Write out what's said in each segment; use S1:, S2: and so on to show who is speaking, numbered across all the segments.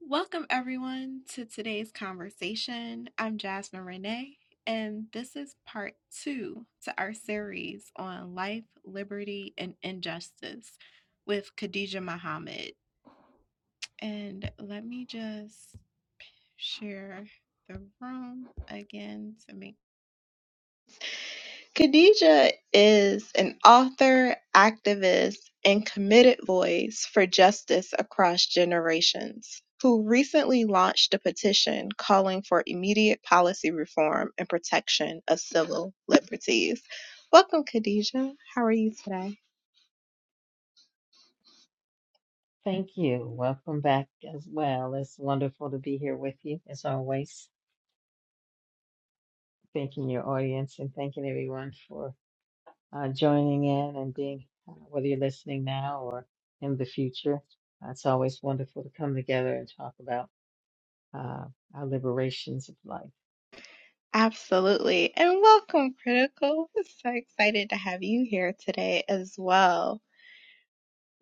S1: Welcome, everyone, to today's conversation. I'm Jasmine Renee, and this is part two to our series on life, liberty, and injustice with Khadija Muhammad. And let me just share the room again to make Khadija is an author, activist, and committed voice for justice across generations, who recently launched a petition calling for immediate policy reform and protection of civil liberties. Welcome, Khadija. How are you today?
S2: Thank you. Welcome back as well. It's wonderful to be here with you as always. Thanking your audience and thanking everyone for uh, joining in and being, uh, whether you're listening now or in the future. Uh, It's always wonderful to come together and talk about uh, our liberations of life.
S1: Absolutely. And welcome, Critical. I'm So excited to have you here today as well.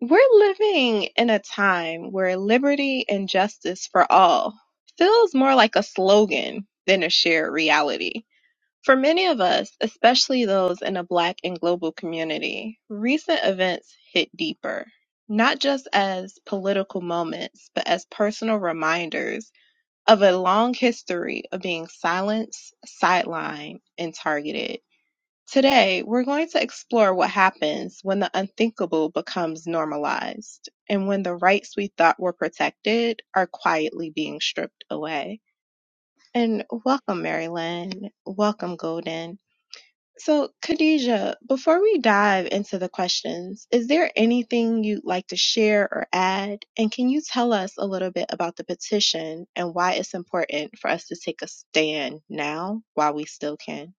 S1: We're living in a time where liberty and justice for all feels more like a slogan than a shared reality. For many of us, especially those in a Black and global community, recent events hit deeper, not just as political moments, but as personal reminders of a long history of being silenced, sidelined, and targeted. Today, we're going to explore what happens when the unthinkable becomes normalized and when the rights we thought were protected are quietly being stripped away. And welcome, Marilyn. Welcome, Golden. So, Khadija, before we dive into the questions, is there anything you'd like to share or add? And can you tell us a little bit about the petition and why it's important for us to take a stand now while we still can?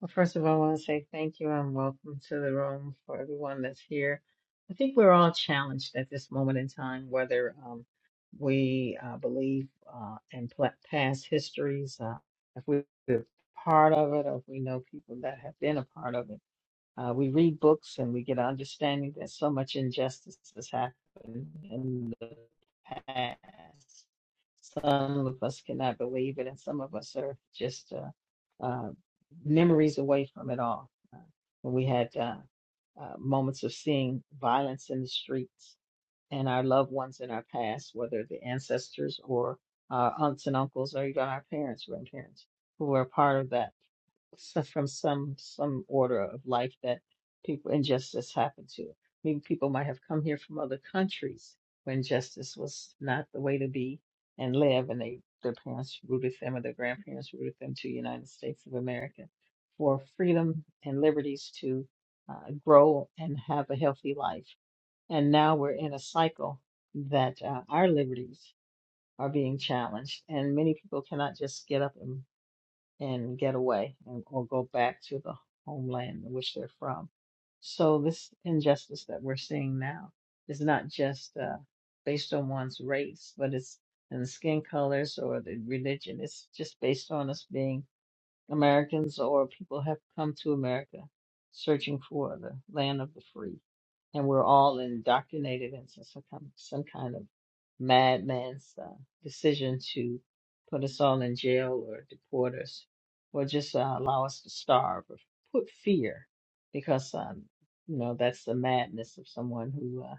S2: Well, first of all, I want to say thank you and welcome to the room for everyone that's here. I think we're all challenged at this moment in time, whether um, we uh, believe uh, in pla- past histories, uh, if we- we're part of it, or if we know people that have been a part of it. Uh, we read books and we get an understanding that so much injustice has happened in the past. Some of us cannot believe it, and some of us are just uh, uh, memories away from it all. Uh, we had uh, uh, moments of seeing violence in the streets and our loved ones in our past, whether the ancestors or our aunts and uncles or even our parents, grandparents, who were a part of that so- from some some order of life that people injustice happened to. Maybe people might have come here from other countries when justice was not the way to be and live, and they their parents rooted them or their grandparents rooted them to the United States of America for freedom and liberties to uh, grow and have a healthy life. And now we're in a cycle that uh, our liberties are being challenged, and many people cannot just get up and and get away and, or go back to the homeland in which they're from. So this injustice that we're seeing now is not just uh, based on one's race, but it's and skin colors or the religion. It's just based on us being Americans or people have come to America searching for the land of the free. And we're all indoctrinated into some kind, some kind of madman's uh, decision to put us all in jail or deport us or just uh, allow us to starve or put fear because, um, you know, that's the madness of someone who. uh,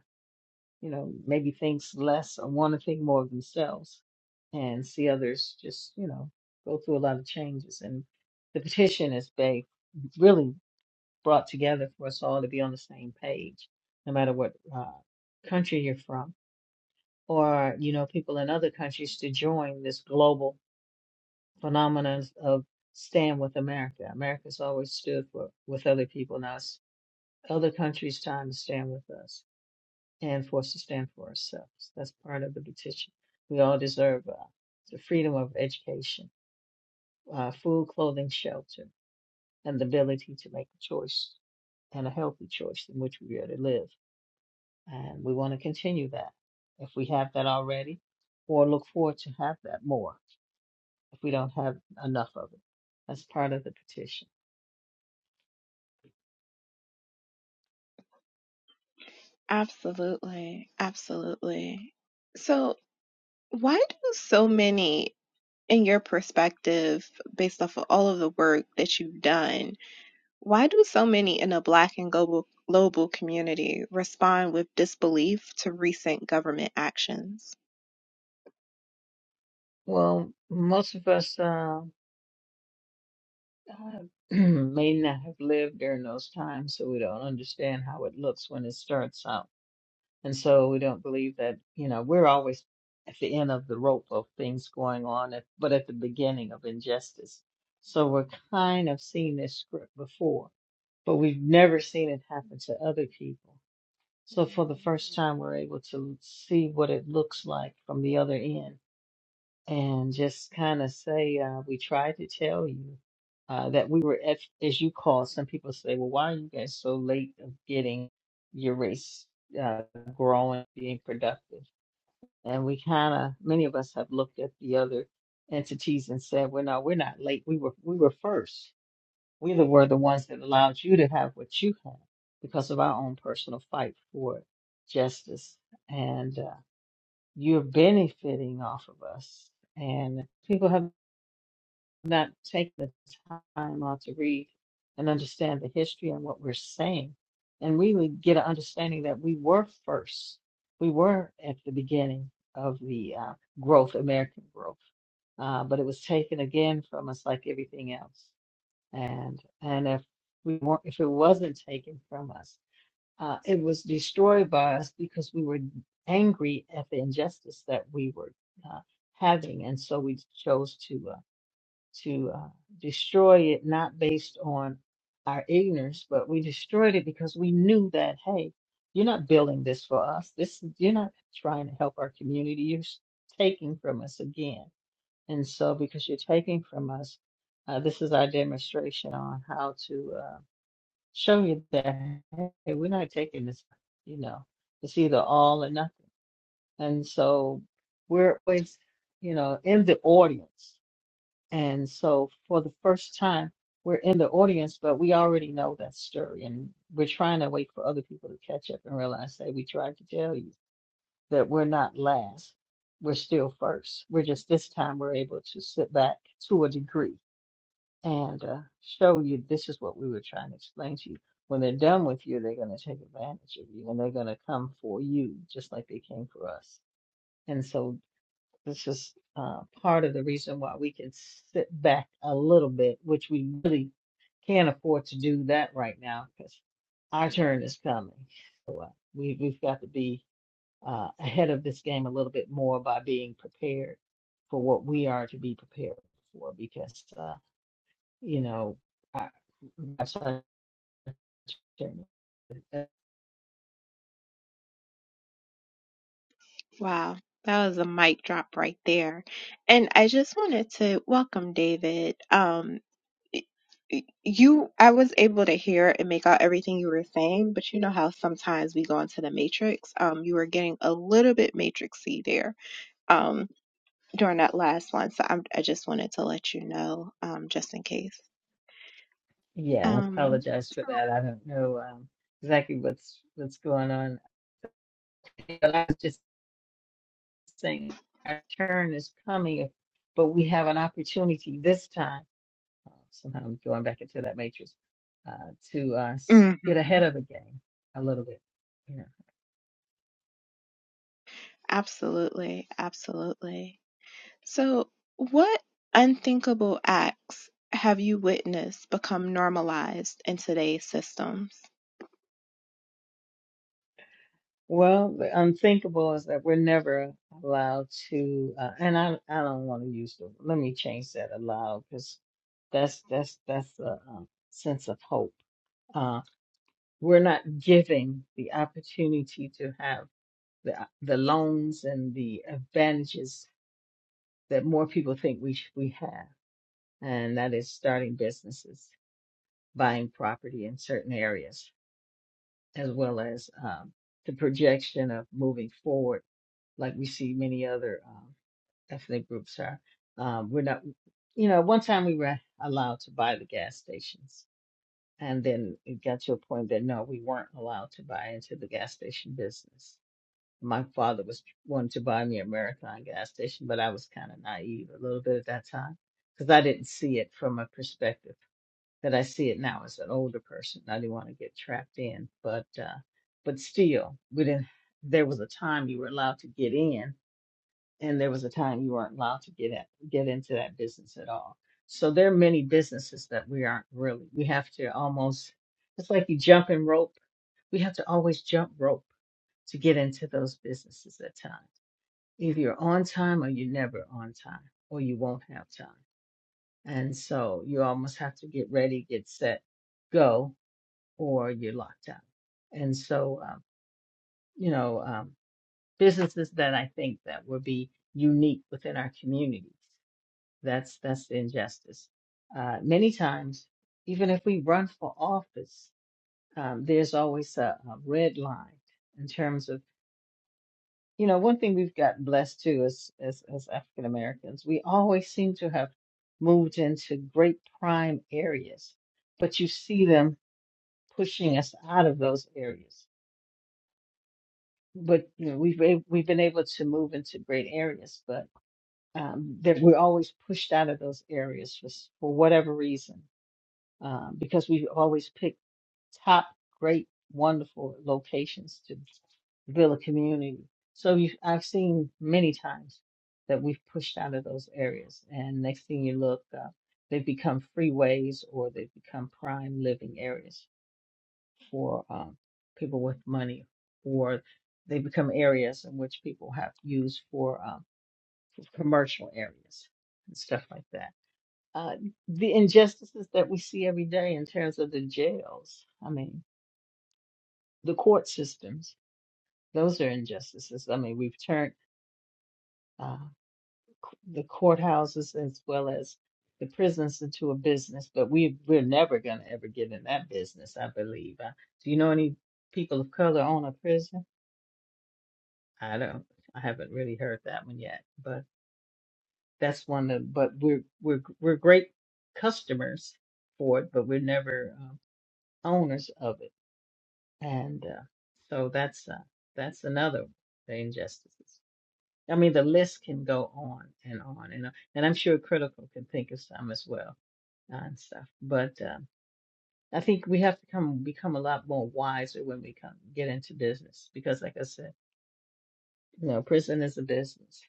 S2: you know, maybe thinks less or want to think more of themselves and see others just, you know, go through a lot of changes. And the petition is big, really brought together for us all to be on the same page, no matter what uh, country you're from, or, you know, people in other countries to join this global phenomenon of stand with America. America's always stood for, with other people. Now it's other countries' time to stand with us and for us to stand for ourselves. That's part of the petition. We all deserve uh, the freedom of education, uh, food, clothing, shelter, and the ability to make a choice and a healthy choice in which we are to live. And we want to continue that if we have that already, or look forward to have that more if we don't have enough of it. That's part of the petition.
S1: Absolutely. Absolutely. So, why do so many, in your perspective, based off of all of the work that you've done, why do so many in a Black and global, global community respond with disbelief to recent government actions?
S2: Well, most of us. uh, God may not have lived during those times, so we don't understand how it looks when it starts out. And so we don't believe that, you know, we're always at the end of the rope of things going on, at, but at the beginning of injustice. So we're kind of seeing this script before, but we've never seen it happen to other people. So for the first time, we're able to see what it looks like from the other end and just kind of say, uh, we tried to tell you uh, that we were, at, as you call, some people say, well, why are you guys so late of getting your race uh, growing, being productive? And we kind of, many of us have looked at the other entities and said, well, no, we're not late. We were, we were first. We the- were the ones that allowed you to have what you have because of our own personal fight for justice. And uh, you're benefiting off of us. And people have not take the time out to read and understand the history and what we're saying. And we would get an understanding that we were first. We were at the beginning of the uh, growth, American growth. Uh, but it was taken again from us like everything else. And and if we weren't, if it wasn't taken from us, uh, it was destroyed by us because we were angry at the injustice that we were uh, having, and so we chose to. uh, to uh, destroy it, not based on our ignorance, but we destroyed it because we knew that, hey, you're not building this for us. This you're not trying to help our community. You're s- taking from us again. And so, because you're taking from us, uh, this is our demonstration on how to uh, show you that hey, we're not taking this. You know, it's either all or nothing. And so, we're always, you know, in the audience and so for the first time, we're in the audience, but we already know that story. And we're trying to wait for other people to catch up and realize, hey, we tried to tell you that we're not last. We're still first. We're just this time we're able to sit back to a degree and uh, show you this is what we were trying to explain to you. When they're done with you, they're going to take advantage of you and they're going to come for you just like they came for us. And so. This is uh, part of the reason why we can sit back a little bit, which we really can't afford to do that right now because our turn is coming. We, we've got to be uh, ahead of this game a little bit more by being prepared for what we are to be prepared for because, uh, you know, I, my son's Uh,
S1: Wow. That was a mic drop right there. And I just wanted to welcome David. Um, y- y- you I was able to hear and make out everything you were saying, but you know how sometimes we go into the matrix. Um, you were getting a little bit matrixy there. Um, during that last one, so I'm, I just wanted to let you know, um, just in case.
S2: Yeah, I
S1: Um,
S2: apologize for that. I don't know um, exactly what's what's going on. But I was just. saying our turn is coming, but we have an opportunity this time. uh, Somehow I'm going back into that matrix uh, to uh, s-
S1: mhm.
S2: get ahead of the game a little bit. Yeah.
S1: absolutely, absolutely. So, what unthinkable acts have you witnessed become normalized in today's systems?
S2: Well, the unthinkable is that we're never allowed to, uh, and I I don't want to use the. Let me change that allowed because that's that's that's a, um sense of hope. Uh, we're not giving the opportunity to have the the loans and the advantages that more people think we sh- we have, and that is starting businesses, buying property in certain areas, as well as um, the projection of moving forward, like we see many other um, ethnic groups are. Um, we're not, you know, one time we were allowed to buy the gas stations, and then it got to a point that no, we weren't allowed to buy into the gas station business. my father was wanting to buy me a marathon gas station, but I was kind of naive a little bit at that time because I didn't see it from a perspective that I see it now as an older person. I didn't want to get trapped in, but uh, but still, we didn't. There was a time you were allowed to get in, and there was a time you weren't allowed to get at, get into that business at all. So there are many businesses that we aren't really. We have to almost. It's like you jump in rope. We have to always jump rope to get into those businesses at times Either you're on time or you're never on time, or you won't have time. And so you almost have to get ready, get set, go, or you're locked out. And so, um, you know, um, businesses that I think that would be unique within our communities. That's that's the injustice. Uh, many times, even if we run for office, um, there's always a, a red line in terms of You know, one thing we've gotten blessed too as as as African Americans, we always seem to have moved into great prime areas, but you see them pushing us out of those areas. But you know, we've been- we've been able to move into great areas, but um, that we're always pushed out of those areas for s- for whatever reason, um, because we've always picked. top great, wonderful locations to build a community. So you, I've seen many times that we've pushed out of those areas, and next thing you look, uh, they've become freeways or they've become prime living areas for um, people with money, or they become areas in which people have used for, um, for commercial areas and stuff like that. Uh, the injustices that we see every day in terms of the jails. I mean, the court systems. Those are injustices. I mean, we've turned uh, the courthouses as well as the prisons into a business, but we we're never gonna ever get in that business, I believe. Uh, do you know any people of color own a prison? I don't. I haven't really heard that one yet, but that's one that. But we're we're we're great customers for it, but we're never um owners of it, and uh, so that's uh, that's another the injustices. I mean, the list can go on and on and on. And I'm sure critical can think of some as well uh, and stuff. But um, I think we have to come become a lot more wiser when we come get into business because, like I said, you know, prison is a business,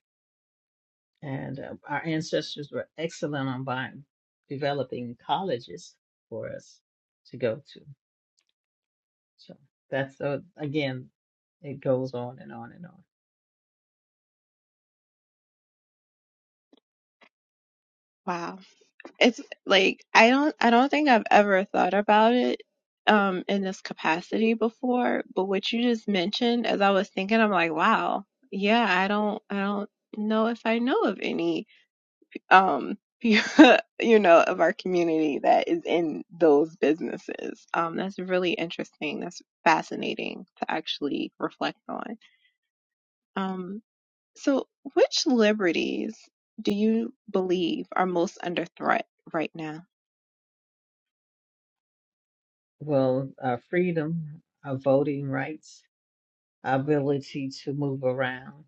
S2: and uh, our ancestors were excellent on buying, developing colleges for us to go to. So that's uh, again, it goes on and on and on.
S1: Wow. it's like I don't I don't think I've ever thought about it um in this capacity before, but what you just mentioned as I was thinking I'm like, wow. Yeah, I don't I don't know if I know of any um you know of our community that is in those businesses. Um that's really interesting. That's fascinating to actually reflect on. Um so which liberties do you believe are most under threat right now?
S2: Well, our freedom, our voting rights. our ability to move around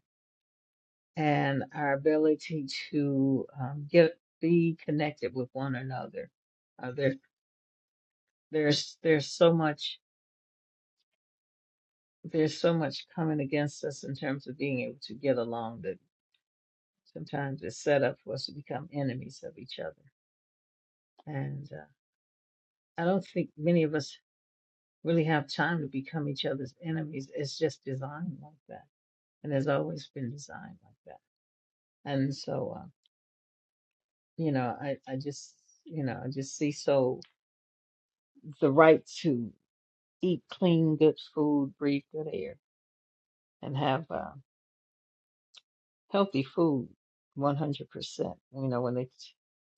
S2: and our ability to um, get be connected with one another. Uh, there, there's there's so much there's so much coming against us in terms of being able to get along that sometimes it's set up for us to become enemies of each other. And uh, I don't think many of us really have time to become each other's enemies. It's just designed like that, and has always been designed like that. And so. uh, you know, I, I just, you know, I just see so the right to eat clean, good food, breathe good air, and have uh, healthy food 100%. You know, when they t-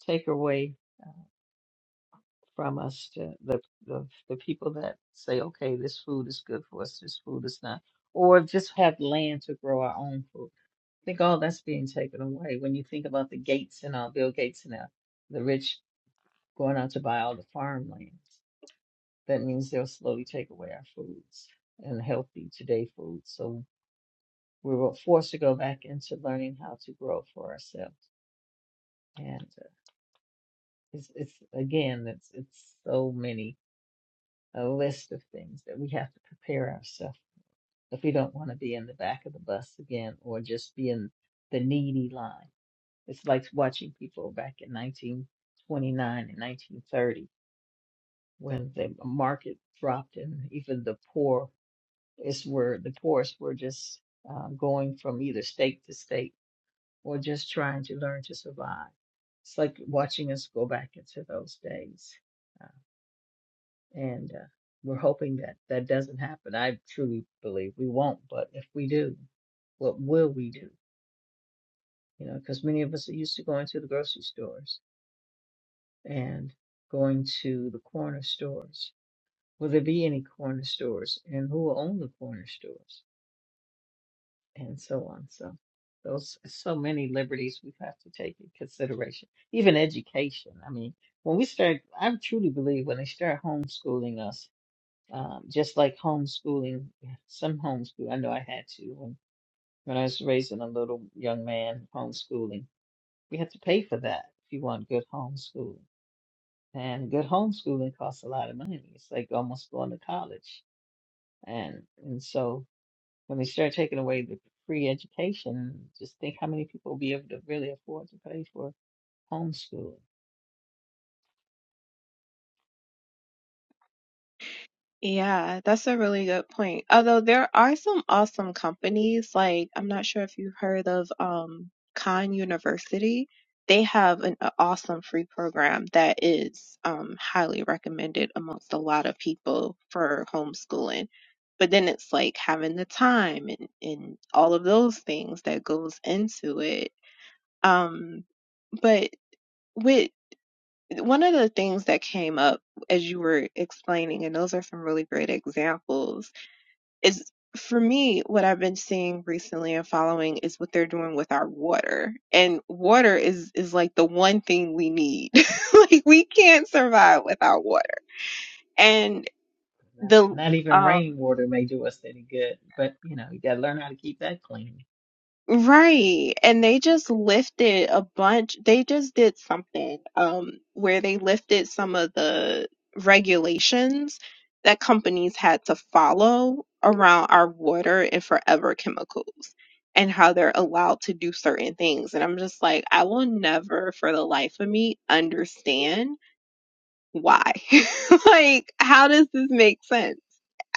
S2: take away uh, from us to the, the, the people that say, okay, this food is good for us, this food is not, or just have land to grow our own food. I think all that's being taken away when you think about the Gates and all, Bill Gates and all, the rich going out to buy all the farmland. That means they'll slowly take away our foods and healthy today foods. So we were forced to go back into learning how to grow for ourselves. And uh, it's, it's again, it's, it's so many, a list of things that we have to prepare ourselves if we don't want to be in the back of the bus again or just be in the needy line. It's like watching people back in 1929 and 1930 when the market dropped and even the poor It's where the course. were just uh, going from either state to state or just trying to learn to survive. It's like watching us go back into those days. Uh, and uh, we're hoping that that doesn't happen. I truly believe we won't, but if we do, what will we do? You know, because many of us are used to going to the grocery stores and going to the corner stores. Will there be any corner stores? And who will own the corner stores? and so on. So those so many liberties we have to take in consideration. Even education. I mean, when we start, I truly believe when they start homeschooling us, um, just like homeschooling, some homeschool. I know I had to when when I was raising a little young man homeschooling. We had to pay for that if you want good homeschooling. And good homeschooling costs a lot of money. It's like almost going to college. And and so when they start taking away the free education, just think how many people will be able to really afford to pay for homeschooling.
S1: Yeah, that's a really good point. Although there are some awesome companies, like I'm not sure if you've heard of um Khan University. They have an a awesome free program that is um highly recommended amongst a lot of people for homeschooling. But then it's like having the time and, and all of those things that goes into it. Um, but with one of the things that came up as you were explaining, and those are some really great examples is for me what I've been seeing recently and following is what they're doing with our water. And water is is like the one thing we need. like we can't survive without water. And
S2: Not
S1: the
S2: not even
S1: um
S2: rainwater may do us any good, but you know, you gotta learn how to keep that clean.
S1: Right. And they just lifted a bunch. They just did something um where they lifted some of the regulations that companies had to follow around our water and forever chemicals and how they're allowed to do certain things. And I'm just like, I will never for the life of me understand why. Like, how does this make sense?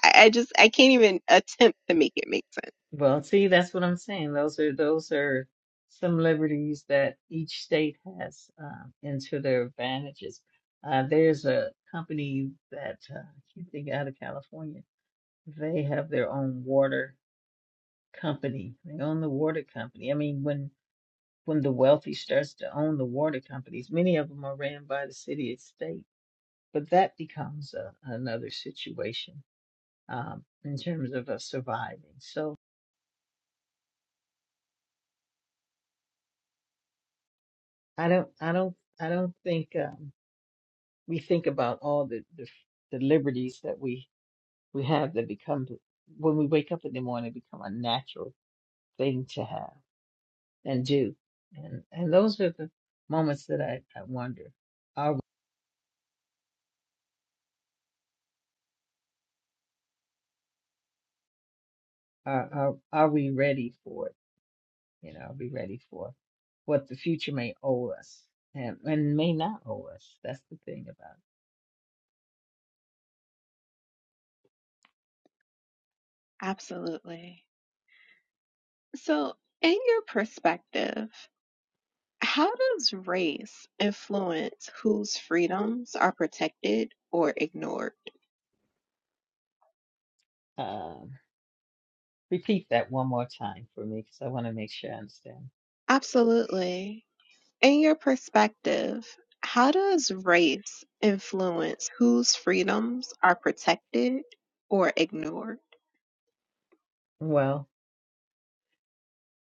S1: I, I just I can't even attempt to make it make sense.
S2: Well, see, that's what I'm saying. Those are those are some liberties that each state has um, into their advantages. Uh, there's a company that uh, I can't think out of California. They have their own water company. They own the water company. I mean, when when the wealthy starts to own the water companies, many of them are ran by the city and state, but that becomes a, another situation um, in terms of us surviving. So I don't, I don't, I don't think um, we think about all the, the the liberties that we we have that become when we wake up in the morning become a natural thing to have and do, and and those are the moments that I, I wonder are are are are we ready for it? you know, be ready for what the future may owe us and, and may not owe us. That's the thing about
S1: Absolutely. So, in your perspective, how does race influence whose freedoms are protected or ignored?
S2: it. Um, repeat that one more time for me because I want to make sure I understand.
S1: Absolutely. In your perspective, how does race influence whose freedoms are protected or ignored?
S2: Well,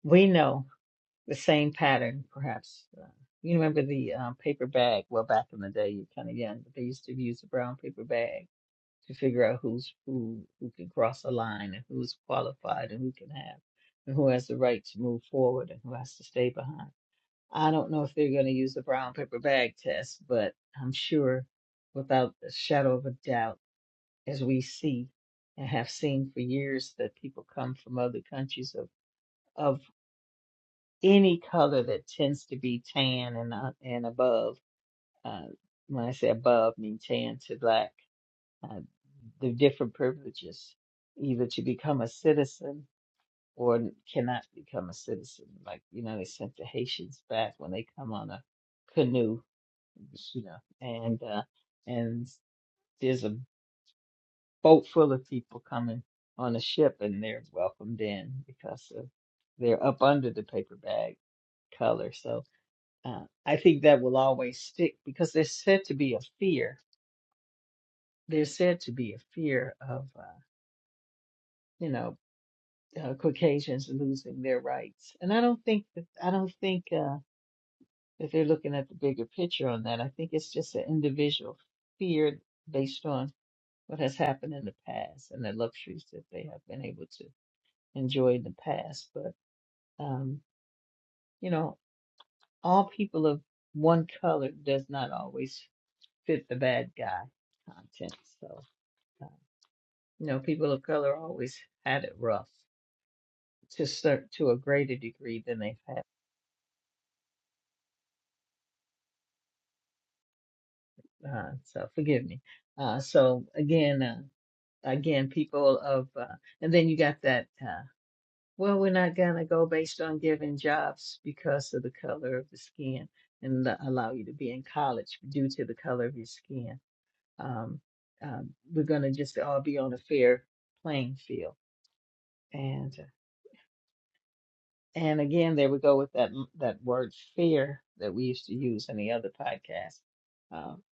S2: we know the same pattern, perhaps. Uh, you remember the um, paper bag? Well, back in the day, you're kind of young, but they used to use a brown paper bag to figure out who's who, who can cross a line, and who's qualified, and who can have, and who has the right to move forward, and who has to stay behind I don't know if they're going to use the brown paper bag test, but I'm sure without a shadow of a doubt, as we see and have seen for years, that people come from other countries of, of any color that tends to be tan and uh, and above. Uh, when I say above, I mean tan to black. Uh, the different privileges, either to become a citizen or cannot become a citizen. Like you know, they sent the Haitians back when they come on a canoe you know, and uh, and there's a boat full of people coming on a ship, and they're welcomed in because of, they're up under the paper bag color. So uh, I think that will always stick because there's said to be a fear. There's said to be a fear of uh, you know uh, Caucasians losing their rights, and I don't think that I don't think uh, that they're looking at the bigger picture on that. I think it's just an individual fear based on what has happened in the past and the luxuries that they have been able to enjoy in the past. But, um, you know, all people of one color does not always fit the bad guy content. So, uh, you know, people of color always had it rough to start to a greater degree than they've had. Uh, so forgive me. Uh, so again, uh, again, people of, uh, and then you got that. uh, Well, we're not gonna go based on giving jobs because of the color of the skin and the- allow you to be in college due to the color of your skin. Um, um, we're gonna just all be on a fair playing field. And and again, there we go with that m- that word fair that we used to use in the other podcast. Um,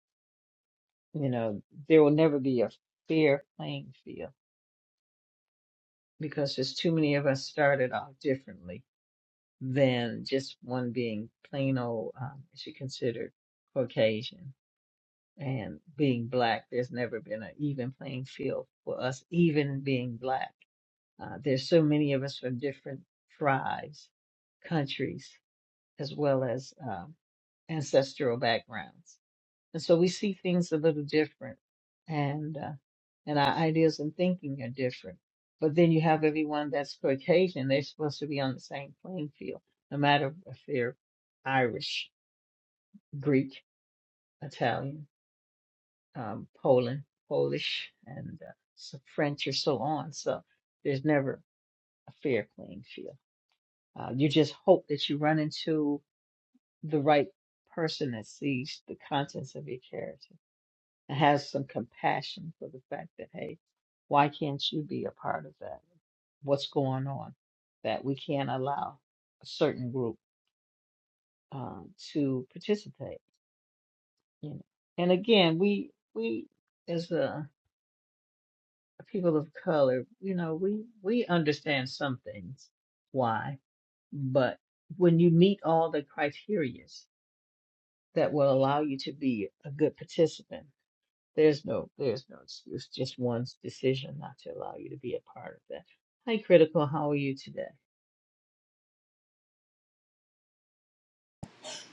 S2: you know, there will never be a fair playing field because there's too many of us started off differently than just one being plain old, um, she considered Caucasian and being black. There's never been an even playing field for us, even being black. Uh, there's so many of us from different tribes, countries, as well as um, ancestral backgrounds. And so we see things a little different and, uh, and our ideas and thinking are different. But then you have everyone that's Caucasian, they're supposed to be on the same playing field, no matter if they're Irish, Greek, Italian, um, Poland, Polish, and uh, so French or so on. So there's never a fair playing field. Uh, you just hope that you run into the right person that sees the contents of your character. and has some compassion for the fact that, hey, why can't you be a part of that? What's going on? That we can't allow a certain group um, to participate. You know? And again, we we as a people of color, you know, we we understand some things why, but when you meet all the criterias that will allow you to be a good participant There's no there's no excuse, just one's decision not to allow you to be a part of that. Hi, Critical, how are you today?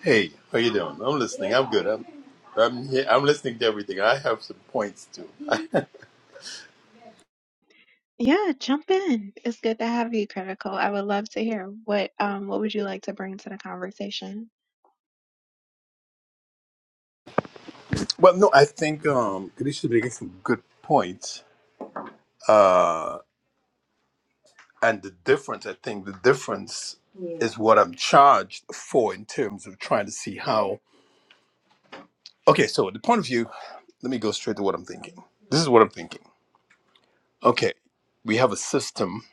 S3: Hey, how you doing? I'm listening. I'm good. I'm I'm here. I'm listening to everything. I have some points too.
S1: Yeah, jump in. It's good to have you, Critical. I would love to hear what um what would you like to bring to the conversation?
S3: Well, no, I think um Ganesh is making some good points. Uh and the difference, I think the difference Yeah. is what I'm charged for in terms of trying to see how Okay, so the point of view, let me go straight to what I'm thinking. This is what I'm thinking. Okay, we have a system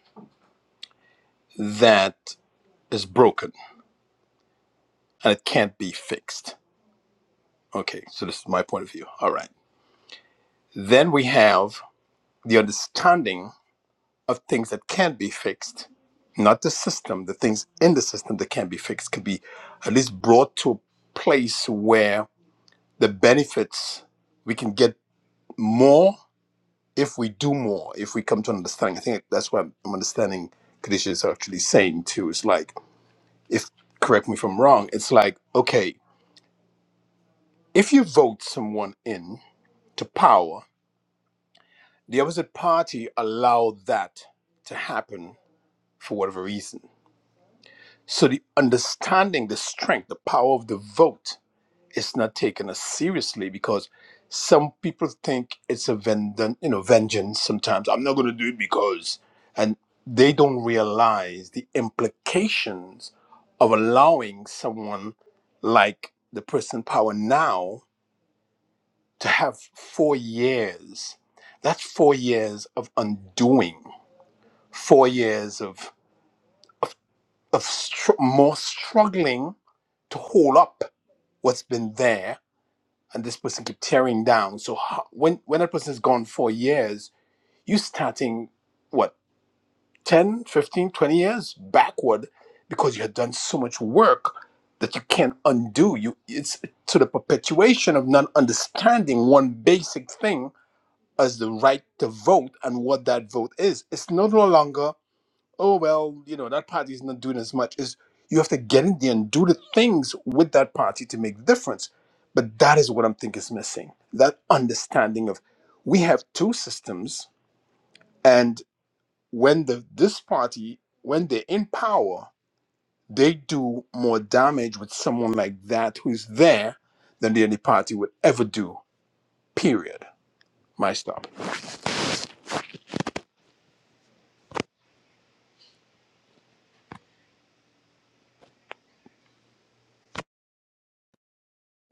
S3: that is broken and it can't be fixed. Okay, so this is my point of view. All right. Then we have the understanding of things that can be fixed, not the system, the things in the system that can be fixed could be at least brought to a place where the benefits we can get more if we do more, if we come to an understanding. I think that's what I'm understanding Kadisha is actually saying too. It's like, if correct me if I'm wrong, it's like, okay, if you vote someone in to power, the opposite party allow that to happen for whatever reason So the understanding, the strength, the power of the vote is not taken as seriously because some people think it's a vengeance, you know, vengeance sometimes. I'm not going to do it because, and they don't realize the implications of allowing someone like the person in power now to have four years. That's four years of undoing, four years of, of, of str- more struggling to hold up what's been there and this person keep tearing down so how, when when that person is gone for years you starting what 10, 15, 20 years backward because you had done so much work that you can't undo you it's to the perpetuation of not understanding one basic thing as the right to vote and what that vote is it's no longer oh well, you know, that party is not doing as much is you have to get in there and do the things with that party to make the difference. But that is what I'm thinking is missing. That understanding of we have two systems and when the this party, when they're in power, they do more damage with someone like that who's there than the any party would ever do. Period. My stop.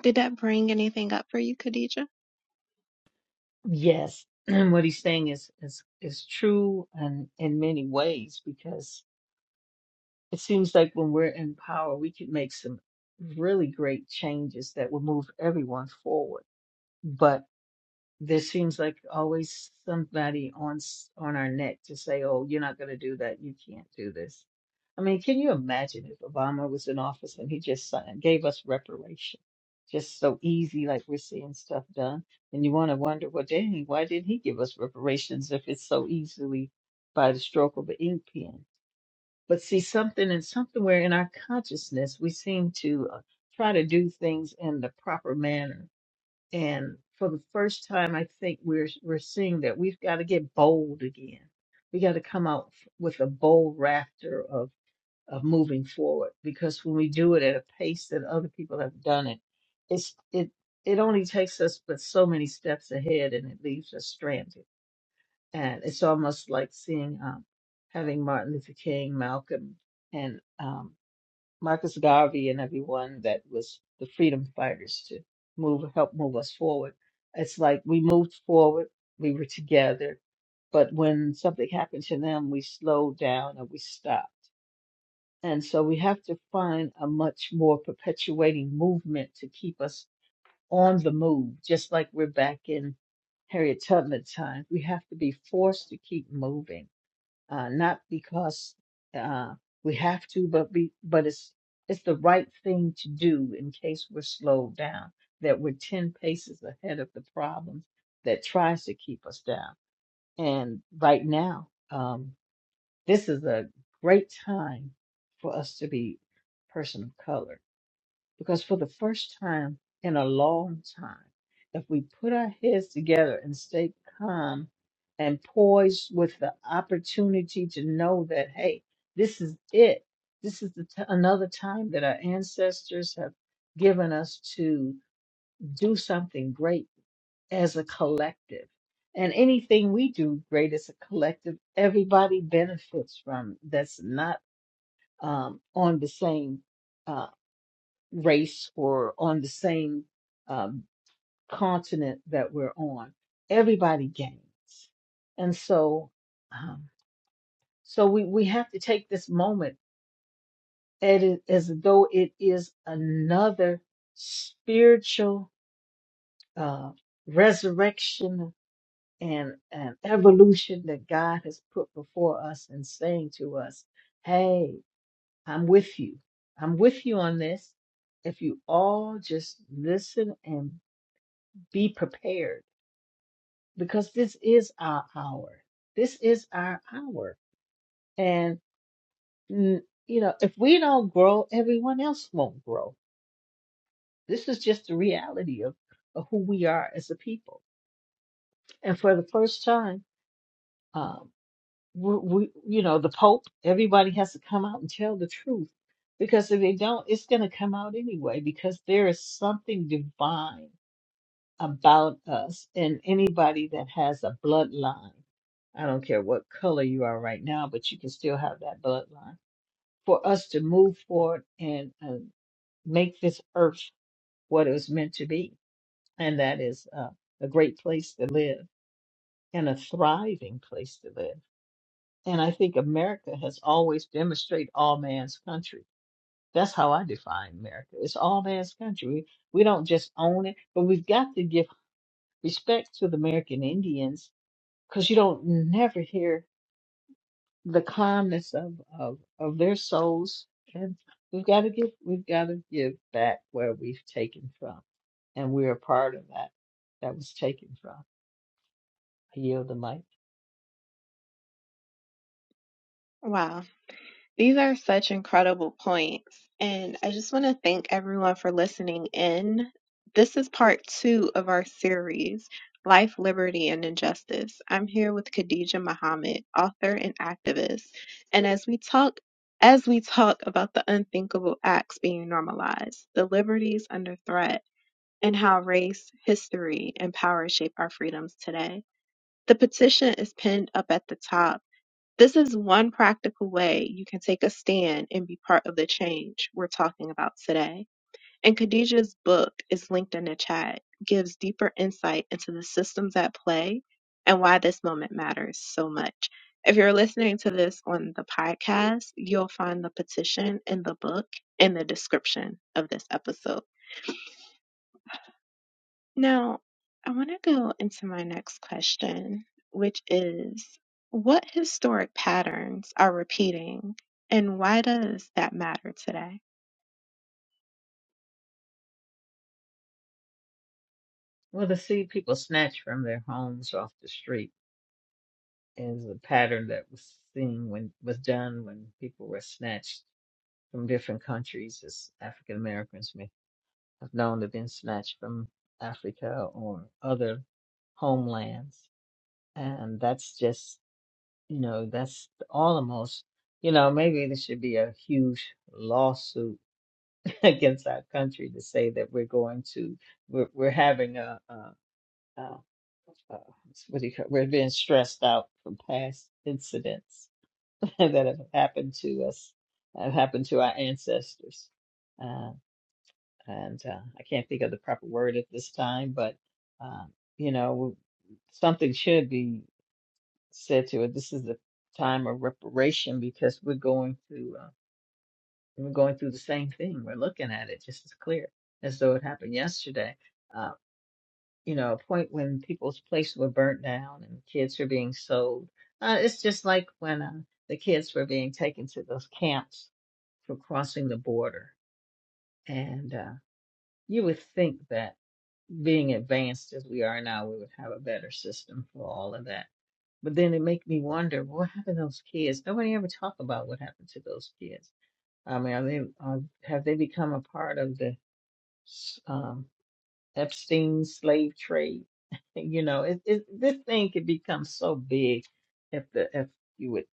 S1: Did that bring anything up for you, Khadija?
S2: Yes, what he's saying is is is true and in many ways because it seems like when we're in power, we can make some really great changes that will move everyone forward. but. there seems like always somebody on s- on our neck to say, "Oh, you're not going to do that. You can't do this." I mean, can you imagine if Obama was in office and he just signed, gave us reparation, just so easy, like we're seeing stuff done, and you want to wonder, well, dang, why didn't he give us reparations if it's so easily by the stroke of an ink pen? But see, something and somewhere in our consciousness, we seem to uh, try to do things in the proper manner and for the first time, I think we're we're seeing that we've got to get bold again. We got to come out f- with a bold rafter of of moving forward because when we do it at a pace that other people have done it, it's it it only takes us but so many steps ahead and it leaves us stranded. And it's almost like seeing um, having Martin Luther King, Malcolm, and um, Marcus Garvey and everyone that was the freedom fighters to move help move us forward. It's like we moved forward, we were together, but when something happened to them, we slowed down and we stopped. And so we have to find a much more perpetuating movement to keep us on the move, just like we're back in Harriet Tubman times. We have to be forced to keep moving uh, not because uh, we have to, but be, but it's it's the right thing to do in case we're slowed down, that we're ten paces ahead of the problem that tries to keep us down. And right now, um, this is a great time for us to be person of color because for the first time in a long time, if we put our heads together and stay calm and poised with the opportunity to know that, hey, this is it. This is the t- another time that our ancestors have given us to do something great as a collective. And anything we do great as a collective, everybody benefits from. it. That's not um, on the same. uh, race or on the same um, continent that we're on. Everybody gains. And so, um, so we, we have to take this moment at it as though it is another spiritual uh, resurrection and, an evolution that God has put before us and saying to us, Hey, I'm with you. I'm with you on this. If you all just listen and be prepared because this is our hour. This is our hour. And, mm, you know, if we don't grow, everyone else won't grow. This is just the reality of, of who we are as a people. And for the first time, um, we, we, you know, the Pope, everybody has to come out and tell the truth because if they don't, it's going to come out anyway because there is something divine about us and anybody that has a bloodline. I don't care what color you are right now, but you can still have that bloodline for us to move forward and uh, make this earth what it was meant to be. And that is uh, a great place to live and a thriving place to live. And I think America has always demonstrated all man's country. That's how I define America. It's all man's country. We, we don't just own it, but we've got to give respect to the American Indians because you don't never hear the calmness of, of, of their souls. And we've got to give, we've got to give back where we've taken from. And we're a part of that, that was taken from. I yield the mic.
S1: Wow. These are such incredible points. And I just want to thank everyone for listening in. This is part two of our series, Life, Liberty, and Injustice. I'm here with Khadija Muhammad, author and activist. And as we talk, as we talk about the unthinkable acts being normalized, the liberties under threat, and how race, history, and power shape our freedoms today. The petition is pinned up at the top this is one practical way you can take a stand and be part of the change we're talking about today. And Khadijah's book is linked in the chat, gives deeper insight into the systems at play and why this moment matters so much. If you're listening to this on the podcast, you'll find the petition in the book in the description of this episode. Now, I want to go into my next question, which is what historic patterns are repeating and why does that matter today?
S2: Well, to see people snatched from their homes off the street is a pattern that was seen when, was done when people were snatched from different countries as African Americans may have known to have been snatched from Africa or other homelands And that's just, you know, that's almost, you know, maybe this should be a huge lawsuit against our country to say that we're going to, we're, we're having a, a, a uh, what do you call, we're being stressed out from past incidents that have happened to us, have happened to our ancestors. Uh, and uh, I can't think of the proper word at this time, but uh, you know, something should be. said to her, "This is a time of reparation because we're going through uh, we're going through the same thing. We're looking at it just as clear as though it happened yesterday." Uh, you know, a point when people's places were burnt down and kids were being sold. Uh, it's just like when uh, the kids were being taken to those camps for crossing the border, and uh, you would think that being advanced as we are now, we would have a better system for all of that But then it make me wonder well, what happened to those kids. Nobody ever talk about what happened to those kids. I mean, are they are, have they become a part of the um, Epstein slave trade? you know, it, it, this thing could become so big if the if you would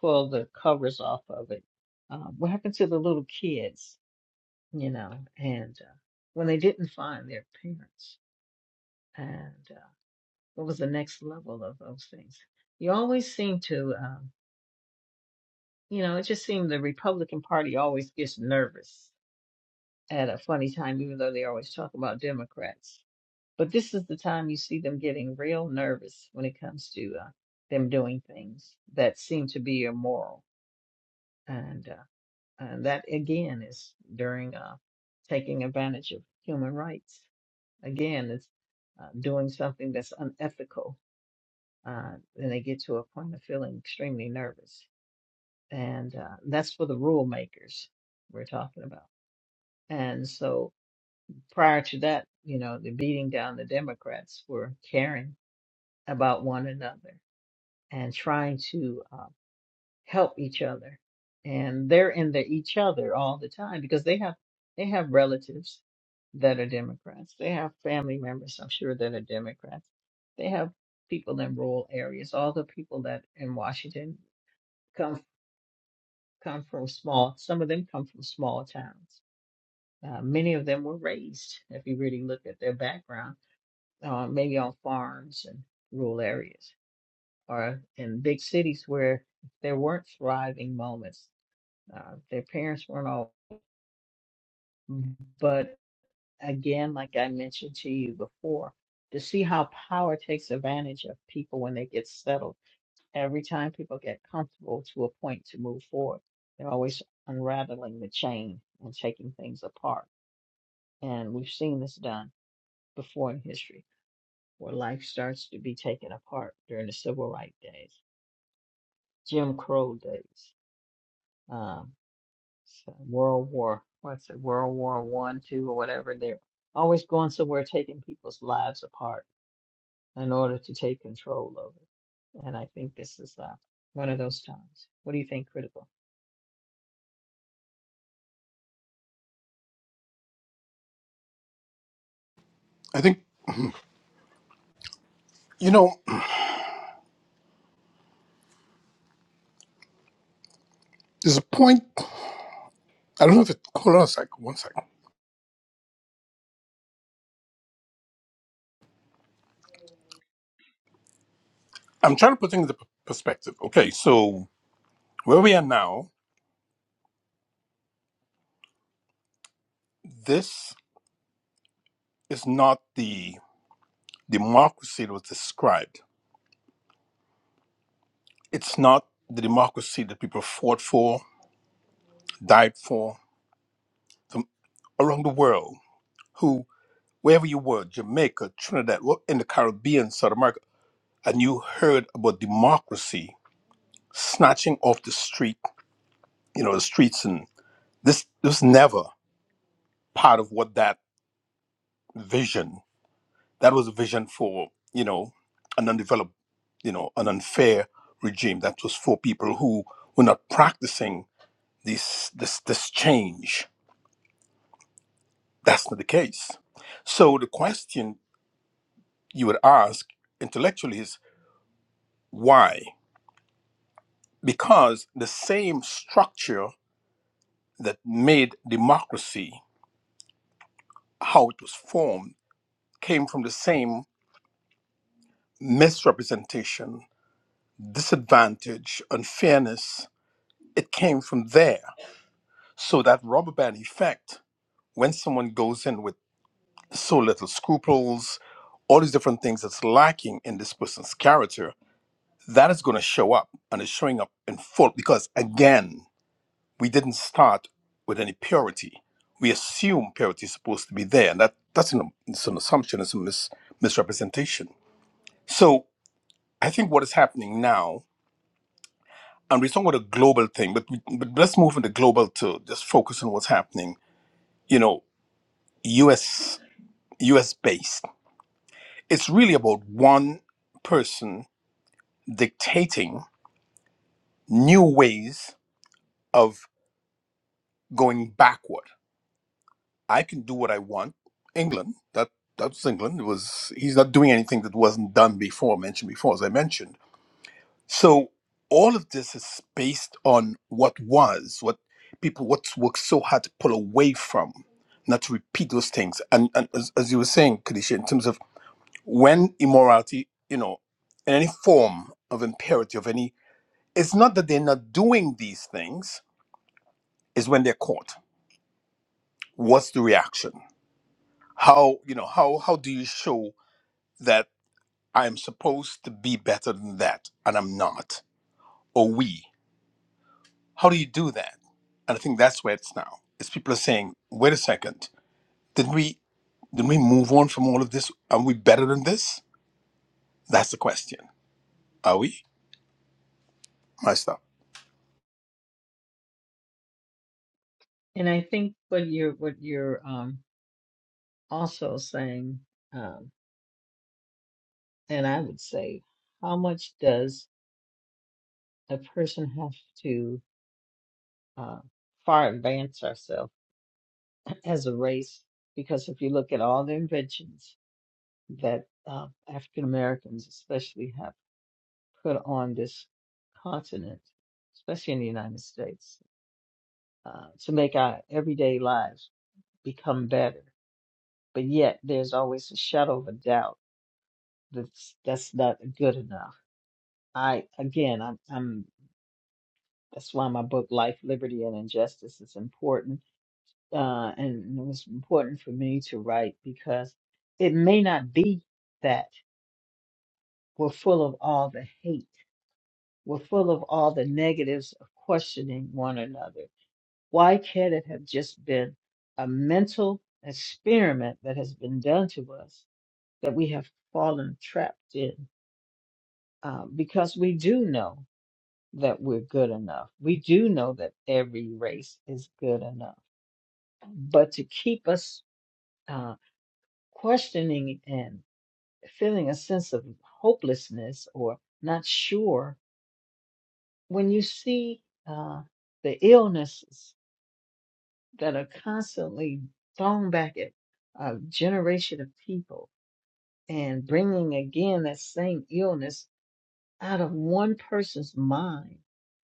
S2: pull the covers off of it. Um, what happened to the little kids? You know, and uh, when they didn't find their parents, and uh, what was the next level of those things? You always seem to. Um, You know, it just seemed the Republican Party always gets nervous at a funny time, even though they always talk about Democrats. But this is the time you see them getting real nervous when it comes to uh, them doing things that seem to be immoral, and uh, and that again is during uh, taking advantage of human rights. Again, it's uh, doing something that's unethical, uh, and they get to a point of feeling extremely nervous, and uh, that's for the rule makers we're talking about And so prior to that, you know, the beating down the Democrats were caring about one another and trying to uh, help each other. And they're in the each other all the time because they have they have relatives that are Democrats. They have family members, I'm sure, that are Democrats. They have people in rural areas. All the people that in Washington come come from small. Some of them come from small towns. Uh, many of them were raised, if you really look at their background uh, maybe on farms and rural areas or in big cities where there weren't thriving moments. Uh, their parents weren't all, mm-hmm. but again, like I mentioned to you before, to see how power takes advantage of people when they get settled. Every time people get comfortable to a point to move forward, they're always unraveling the chain and taking things apart. And we've seen this done before in history, where life starts to be taken apart during the civil rights days Jim Crow days, um, so World War, what's it, World War One, Two, or whatever. They're always going somewhere, taking people's lives apart in order to take control of it. And I think this is uh, one of those times. What do you think, critical?
S3: I think, you know, there's a point I don't know if it hold on a sec, One sec. I'm trying to put things into p- perspective. Okay, so where we are now, this is not the democracy that was described. It's not the democracy that people fought for, died for the, around the world. Who, wherever you were, Jamaica, Trinidad, wh- in the Caribbean, South America, and you heard about democracy snatching off the street, you know, the streets, and this this was never part of what that vision. That was a vision for, you know, an undeveloped, you know, an unfair regime that was for people who were not practicing this this this change. That's not the case. So the question you would ask intellectually is why? Because the same structure that made democracy how it was formed came from the same misrepresentation, disadvantage, unfairness. It came from there. So that rubber band effect, when someone goes in with so little scruples, all these different things that's lacking in this person's character, that is going to show up and it's showing up in full because again, we didn't start with any purity. We assume purity is supposed to be there, and that that's an, it's an assumption, it's a mis, misrepresentation. So I think what is happening now, and we're talking about a global thing, but, we, but let's move from the global to just focus on what's happening. You know, U.S. US based. It's really about one person dictating new ways of going backward. I can do what I want. England, that that's England. It was he's not doing anything that wasn't done before, mentioned before, as I mentioned. So all of this is based on what was, what people what worked so hard to pull away from, not to repeat those things. And, and as, as you were saying, Kadisha, in terms of when immorality, you know, in any form of impurity of any, it's not that they're not doing these things, it's when they're caught. What's the reaction? How, you know, how how do you show that I'm supposed to be better than that and I'm not? Or we. How do you do that? And I think that's where it's now. Is people are saying, wait a second, didn't we didn't we move on from all of this? Are we better than this? That's the question. Are we? My stuff.
S2: And I think what you're what you're um, also saying, um, and I would say, how much does a person have to uh, far advance ourselves as a race because if you look at all the inventions that um, African Americans, especially, have put on this continent, especially in the United States, uh, to make our everyday lives become better. But yet, there's always a shadow of a doubt that's that's not good enough. I again, I'm, I'm that's why my book, Life, Liberty, and Injustice, is important, uh, and it was important for me to write because it may not be that we're full of all the hate were full of all the negatives of questioning one another. Why can't it have just been a mental experiment that has been done to us that we have fallen trapped in? Uh, because we do know that we're good enough. We do know that every race is good enough. But to keep us uh, questioning and feeling a sense of hopelessness or not sure, when you see uh, the illnesses that are constantly thrown back at a generation of people and bringing again that same illness out of one person's mind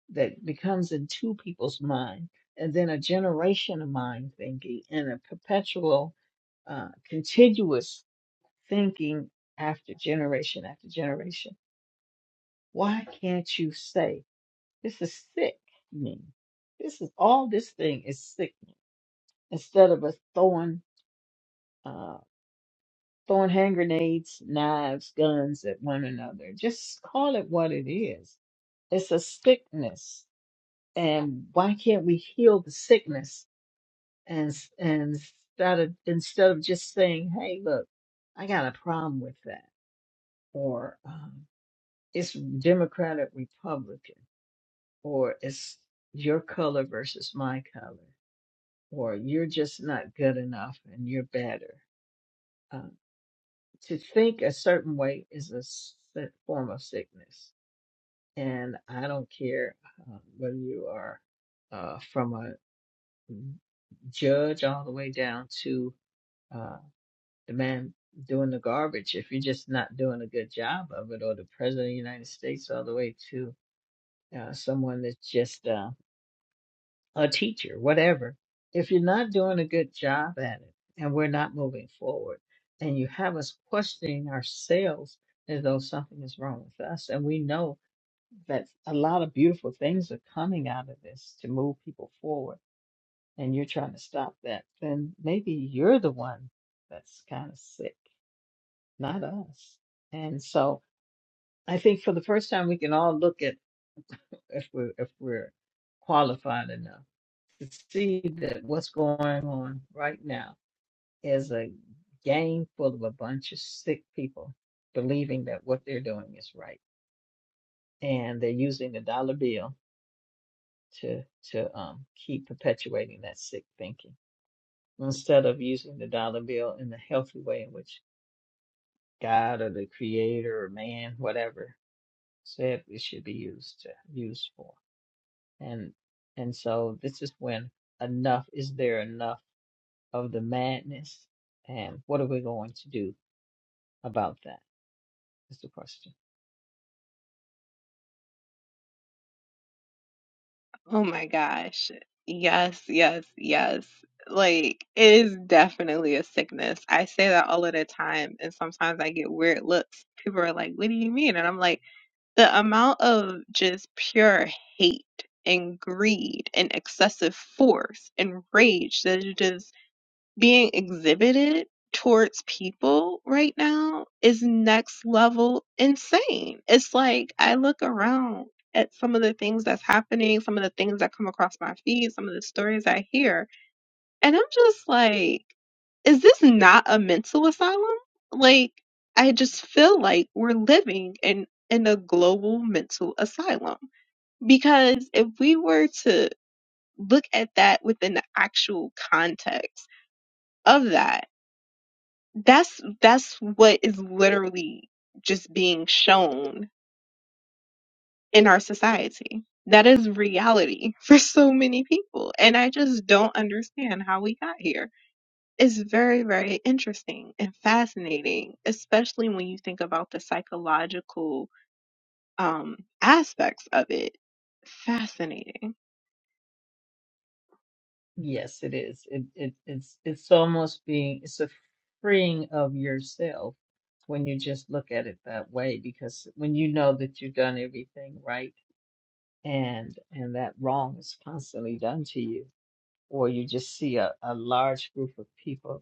S2: that becomes in two people's mind and then a generation of mind thinking and a perpetual uh, continuous thinking after generation after generation. Why can't you say this is sick? this is all this thing is sick. Instead of us throwing uh, throwing hand grenades, knives, guns at one another. Just call it what it is. It's a sickness, and why can't we heal the sickness and s- and instead of instead of just saying, "Hey, look, I got a problem with that," or um, "It's Democratic Republican," or "It's your color versus my color," or "You're just not good enough and you're better." um, to think a certain way is a s- si, form of sickness. And I don't care uh, whether you are uh, from a mm, judge all the way down to uh, the man doing the garbage, if you're just not doing a good job of it, or the president of the United States all the way to uh, someone that's just uh, a teacher, whatever, if you're not doing a good job at it and we're not moving forward and you have us questioning ourselves as though something is wrong with us, and we know that a lot of beautiful things are coming out of this to move people forward, and you're trying to stop that, then maybe you're the one that's kind of sick, not us. And so I think for the first time we can all look at if we're if we're qualified enough to see that what's going on right now is a game full of a bunch of sick people believing that what they're doing is right, and they're using the dollar bill to to um, keep perpetuating that sick thinking instead of using the dollar bill in the healthy way in which God or the Creator or man, whatever, said it should be used to used for, and and so this is when enough is there enough of the madness and what are we going to do about that is the question
S1: Oh my gosh. Yes, yes, yes. Like, it is definitely a sickness. I say that all of the time, and sometimes I get weird looks. People are like, What do you mean? And I'm like, The amount of just pure hate and greed and excessive force and rage that it is. just being exhibited towards people right now is next level insane. It's like I look around at some of the things that's happening, some of the things that come across my feed, some of the stories I hear, and I'm just like, is this not a mental asylum? Like, I just feel like we're living in in a global mental asylum because if we were to look at that within the actual context of that that's that's what is literally just being shown in our society. That is reality for so many people. And I just don't understand how we got here. It's very, very interesting and fascinating, especially when you think about the psychological um, aspects of it. Fascinating.
S2: yes it is it, it it's it's almost being it's a freeing of yourself when you just look at it that way because when you know that you've done everything right and and that wrong is constantly done to you or you just see a, a large group of people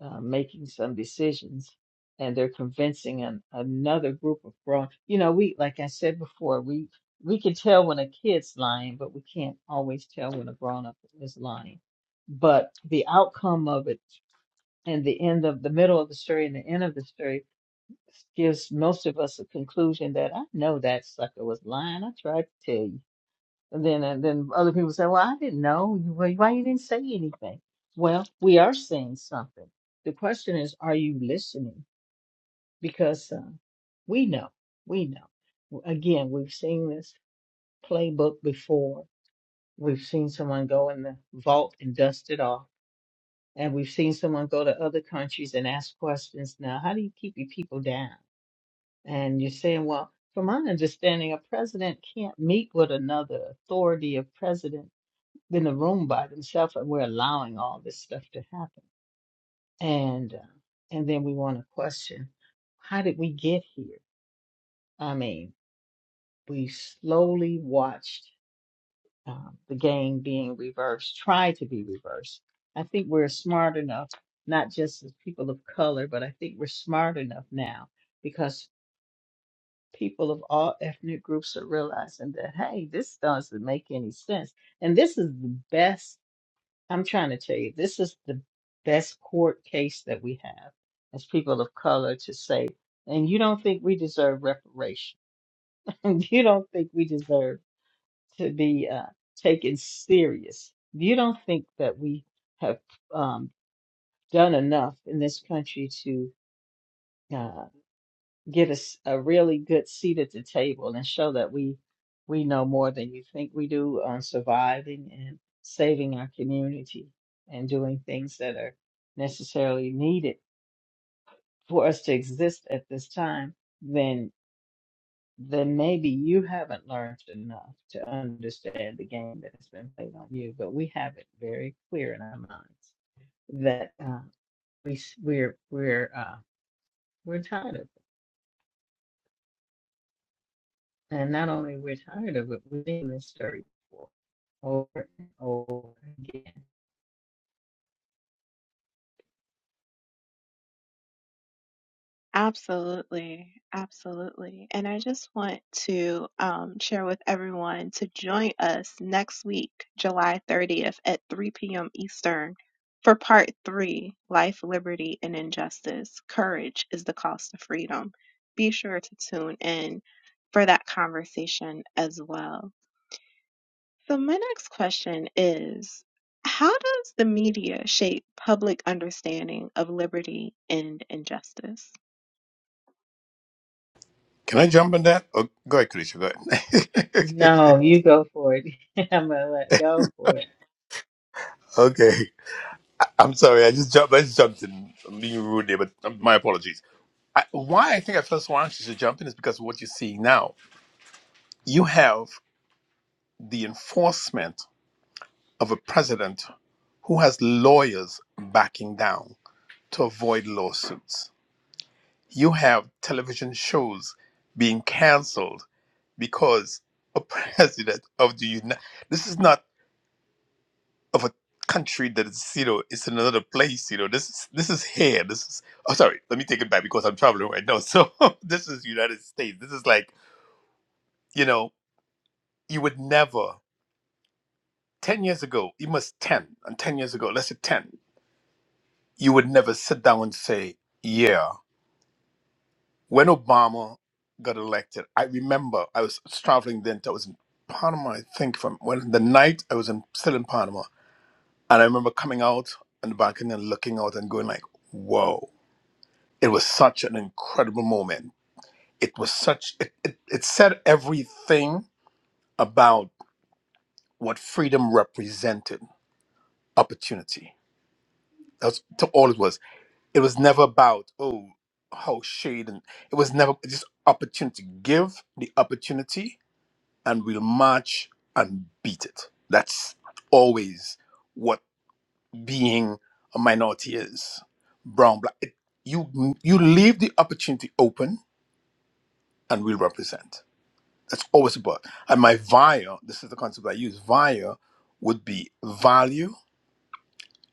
S2: uh, making some decisions and they're convincing an, another group of grown you know we like i said before we we can tell when a kid's lying but we can't always tell when a grown up is lying but the outcome of it and the end of the middle of the story and the end of the story gives most of us a conclusion that i know that sucker was lying i tried to tell you and then and then other people say, "Well, I didn't know. You- Why why you didn't say anything?" Well, we are saying something. The question is, are you listening? Because uh, we know, we know. Again, we've seen this playbook before. We've seen someone go in the vault and dust it off, and we've seen someone go to other countries and ask questions. Now, how do you keep your people down? And you're saying, well, from my understanding, a president can't meet with another authority of president in a room by themselves, and we're allowing all this stuff to happen. And uh, and then we want to question, how did we get here? I mean, we slowly watched um, the game being reversed, try to be reversed. I think we're smart enough, not just as people of color, but I think we're smart enough now because people of all ethnic groups are realizing that hey, this doesn't make any sense, and this is the best I'm trying to tell you, this is the best court case that we have as people of color to say, and you don't think we deserve reparation. you don't think we deserve to be uh, taken serious. You don't think that we have um, done enough in this country to. uh, get us a really good seat at the table and show that we we know more than you think we do on surviving and saving our community and doing things that are necessarily needed for us to exist at this time, then then maybe you haven't learned enough to understand the game that's been played on you. But we have it very clear in our minds that uh, we s- we're we're uh, we're tired of. it. And not only we're tired of it, we've seen this story before over and over again.
S1: Absolutely, absolutely. And I just want to um, share with everyone to join us next week, July 30th at 3 p.m. Eastern for part three Life, Liberty, and Injustice. Courage is the cost of freedom. Be sure to tune in for that conversation as well. So, my next question is How does the media shape public understanding of liberty and injustice?
S3: Can I jump in that? Oh, go ahead, Karisha. Go ahead.
S2: No, you go for it. I'm gonna let go for it.
S3: okay. I- I'm sorry. I just jumped. I just jumped in. I'm being rude there, but um, my apologies. I, why I think I felt so anxious to jump in is because of what you're seeing now. You have the enforcement of a president who has lawyers backing down to avoid lawsuits. You have television shows being canceled because a president of the United. This is not. of a country that is you know it's in another place you know this is this is here this is oh sorry let me take it back because i'm traveling right now so this is united states this is like you know you would never 10 years ago it was 10 and 10 years ago let's say 10 you would never sit down and say yeah when obama got elected i remember i was traveling then i was in panama i think from when the night i was in still in panama and i remember coming out on the balcony and looking out and going like whoa It was such an incredible moment. It was such, it, it, it said everything about what freedom represented opportunity. That's to all it was. It was never about, oh, how shade. And it was never just opportunity. Give the opportunity and we'll march and beat it. That's always what being a minority is. Brown, black. It, you, you leave the opportunity open and we'll represent. That's always a but. And my via, this is the concept I use, via would be value,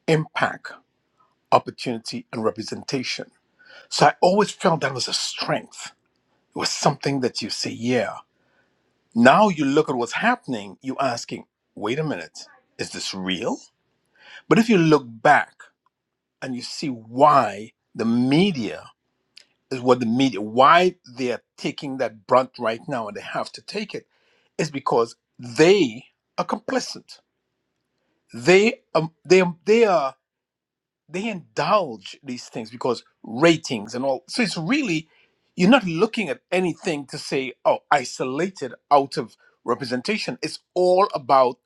S3: impact, opportunity, and representation. So I always felt that was a strength. It was something that you say, yeah. Now you look at what's happening, you asking, wait a minute, is this real? But if you look back and you see why the media is what the media, why they are taking that brunt right now and they have to take it, is because they are complicit they um they um, they are they indulge these things because ratings and all so it's really you're not looking at anything to say oh isolated out of representation it's all about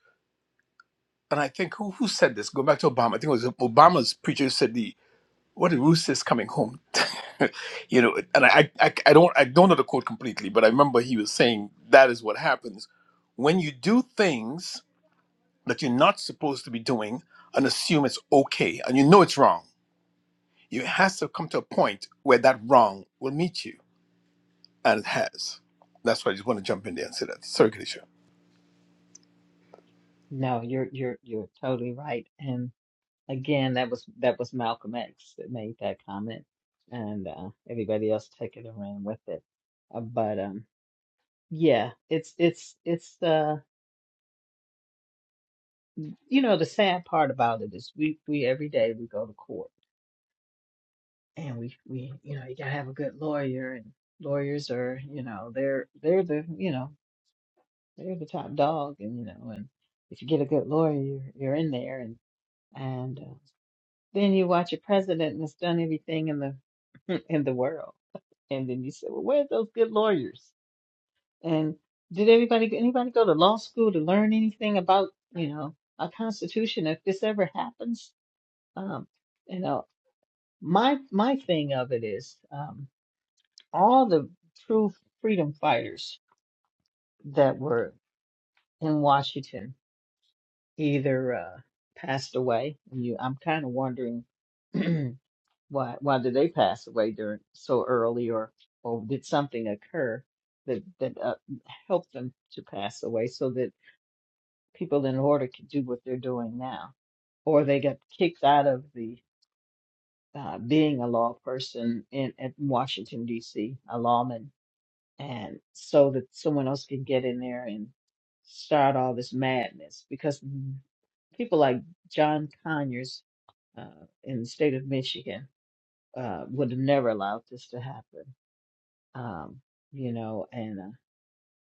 S3: and i think who who said this going back to obama i think it was obama's preacher who said the what the rooster is coming home you know and I, I i don't i don't know the quote completely but i remember he was saying that is what happens when you do things that you're not supposed to be doing and assume it's okay and you know it's wrong. It has to come to a point where that wrong will meet you, and it has. That's why I just want to jump in there and say that. Sorry, Kadisha.
S2: No, you're you're you're totally right. And again, that was that was Malcolm X that made that comment, and uh, everybody else took it and ran with it. Uh, but um, yeah, it's it's it's uh, you know, the sad part about it is we we every day we go to court and we we you know you gotta have a good lawyer and lawyers are you know they're they're the you know they're the top dog and you know and if you get a good lawyer you're, you're in there and and uh, then you watch a president that's done everything in the in the world and then you say well where's those good lawyers and did anybody anybody go to law school to learn anything about you know a constitution if this ever happens um you know my my thing of it is um all the true freedom fighters that were in Washington either uh, passed away. And You, I'm kind of wondering why why did they pass away during so early, or or did something occur that that uh, helped them to pass away, so that people in order could do what they're doing now, or they got kicked out of the uh, being a law person in at Washington D.C. a lawman and so that someone else can get in there and start all this madness because people like John Conyers uh, in the state of Michigan uh, would have never allowed this to happen. Um, you know, and uh,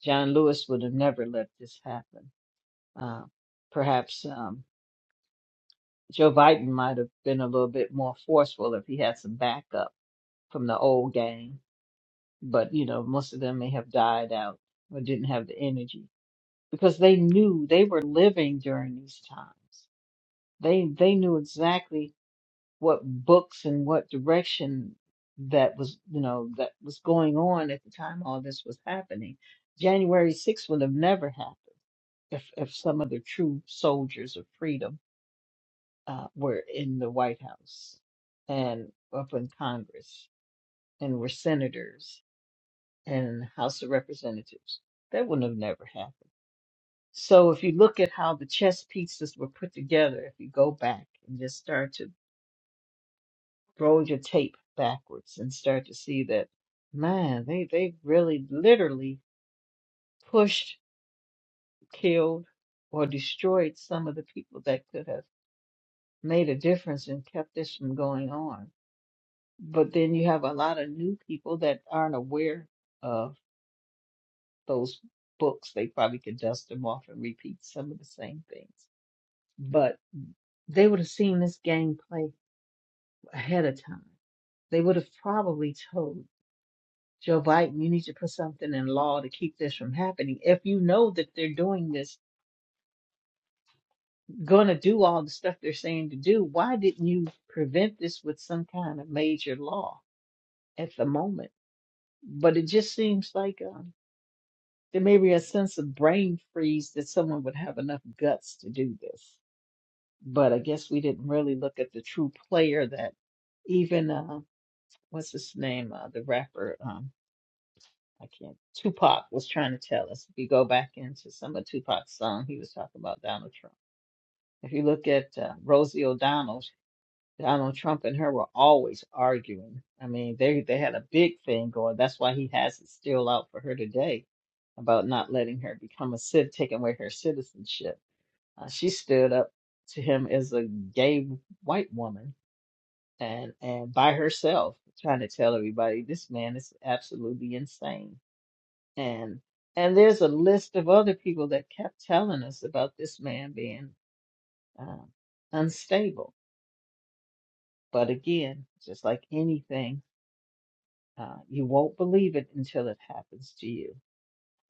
S2: John Lewis would have never let this happen. Uh, perhaps um, Joe Biden might have been a little bit more forceful if he had some backup from the old gang, but you know, most of them may have died out or didn't have the energy because they knew they were living during these times. They they knew exactly what books and what direction that was, you know, that was going on at the time all this was happening. January 6th would have never happened if if some of the true soldiers of freedom uh, were in the White House and up in Congress and were senators and House of Representatives. That wouldn't have never happened. So if you look at how the chess pieces were put together, if you go back and just start to roll your tape backwards and start to see that, man, they they really literally pushed, killed, or destroyed some of the people that could have made a difference and kept this from going on. But then you have a lot of new people that aren't aware of those books. They probably could dust them off and repeat some of the same things. But they would have seen this gameplay ahead of time. They would have probably told Joe Biden, you need to put something in law to keep this from happening. If you know that they're doing this, going to do all the stuff they're saying to do, why didn't you prevent this with some kind of major law at the moment? But it just seems like um, there may be a sense of brain freeze that someone would have enough guts to do this. But I guess we didn't really look at the true player that even uh, what's his name, uh, the rapper. um, I can't. Tupac was trying to tell us. If you go back into some of Tupac's song, he was talking about Donald Trump. If you look at uh, Rosie O'Donnell, Donald Trump and her were always arguing. I mean, they they had a big thing going. That's why he has it still out for her today about not letting her become a cit, taking away her citizenship. Uh, she stood up to him as a gay white woman and and by herself, trying to tell everybody this man is absolutely insane and and there's a list of other people that kept telling us about this man being uh, unstable. But again, just like anything, uh, you won't believe it until it happens to you.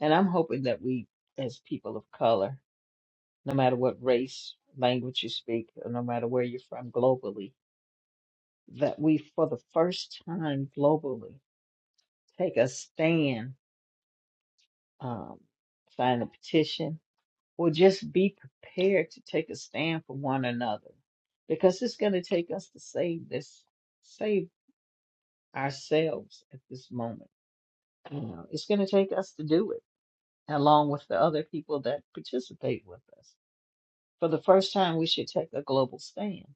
S2: And I'm hoping that we, as people of color, no matter what race, language you speak, or no matter where you're from globally, that we, for the first time globally, take a stand, um, sign a petition, or just be prepared to take a stand for one another because it's going to take us to save this save ourselves at this moment you know it's going to take us to do it along with the other people that participate with us for the first time we should take a global stand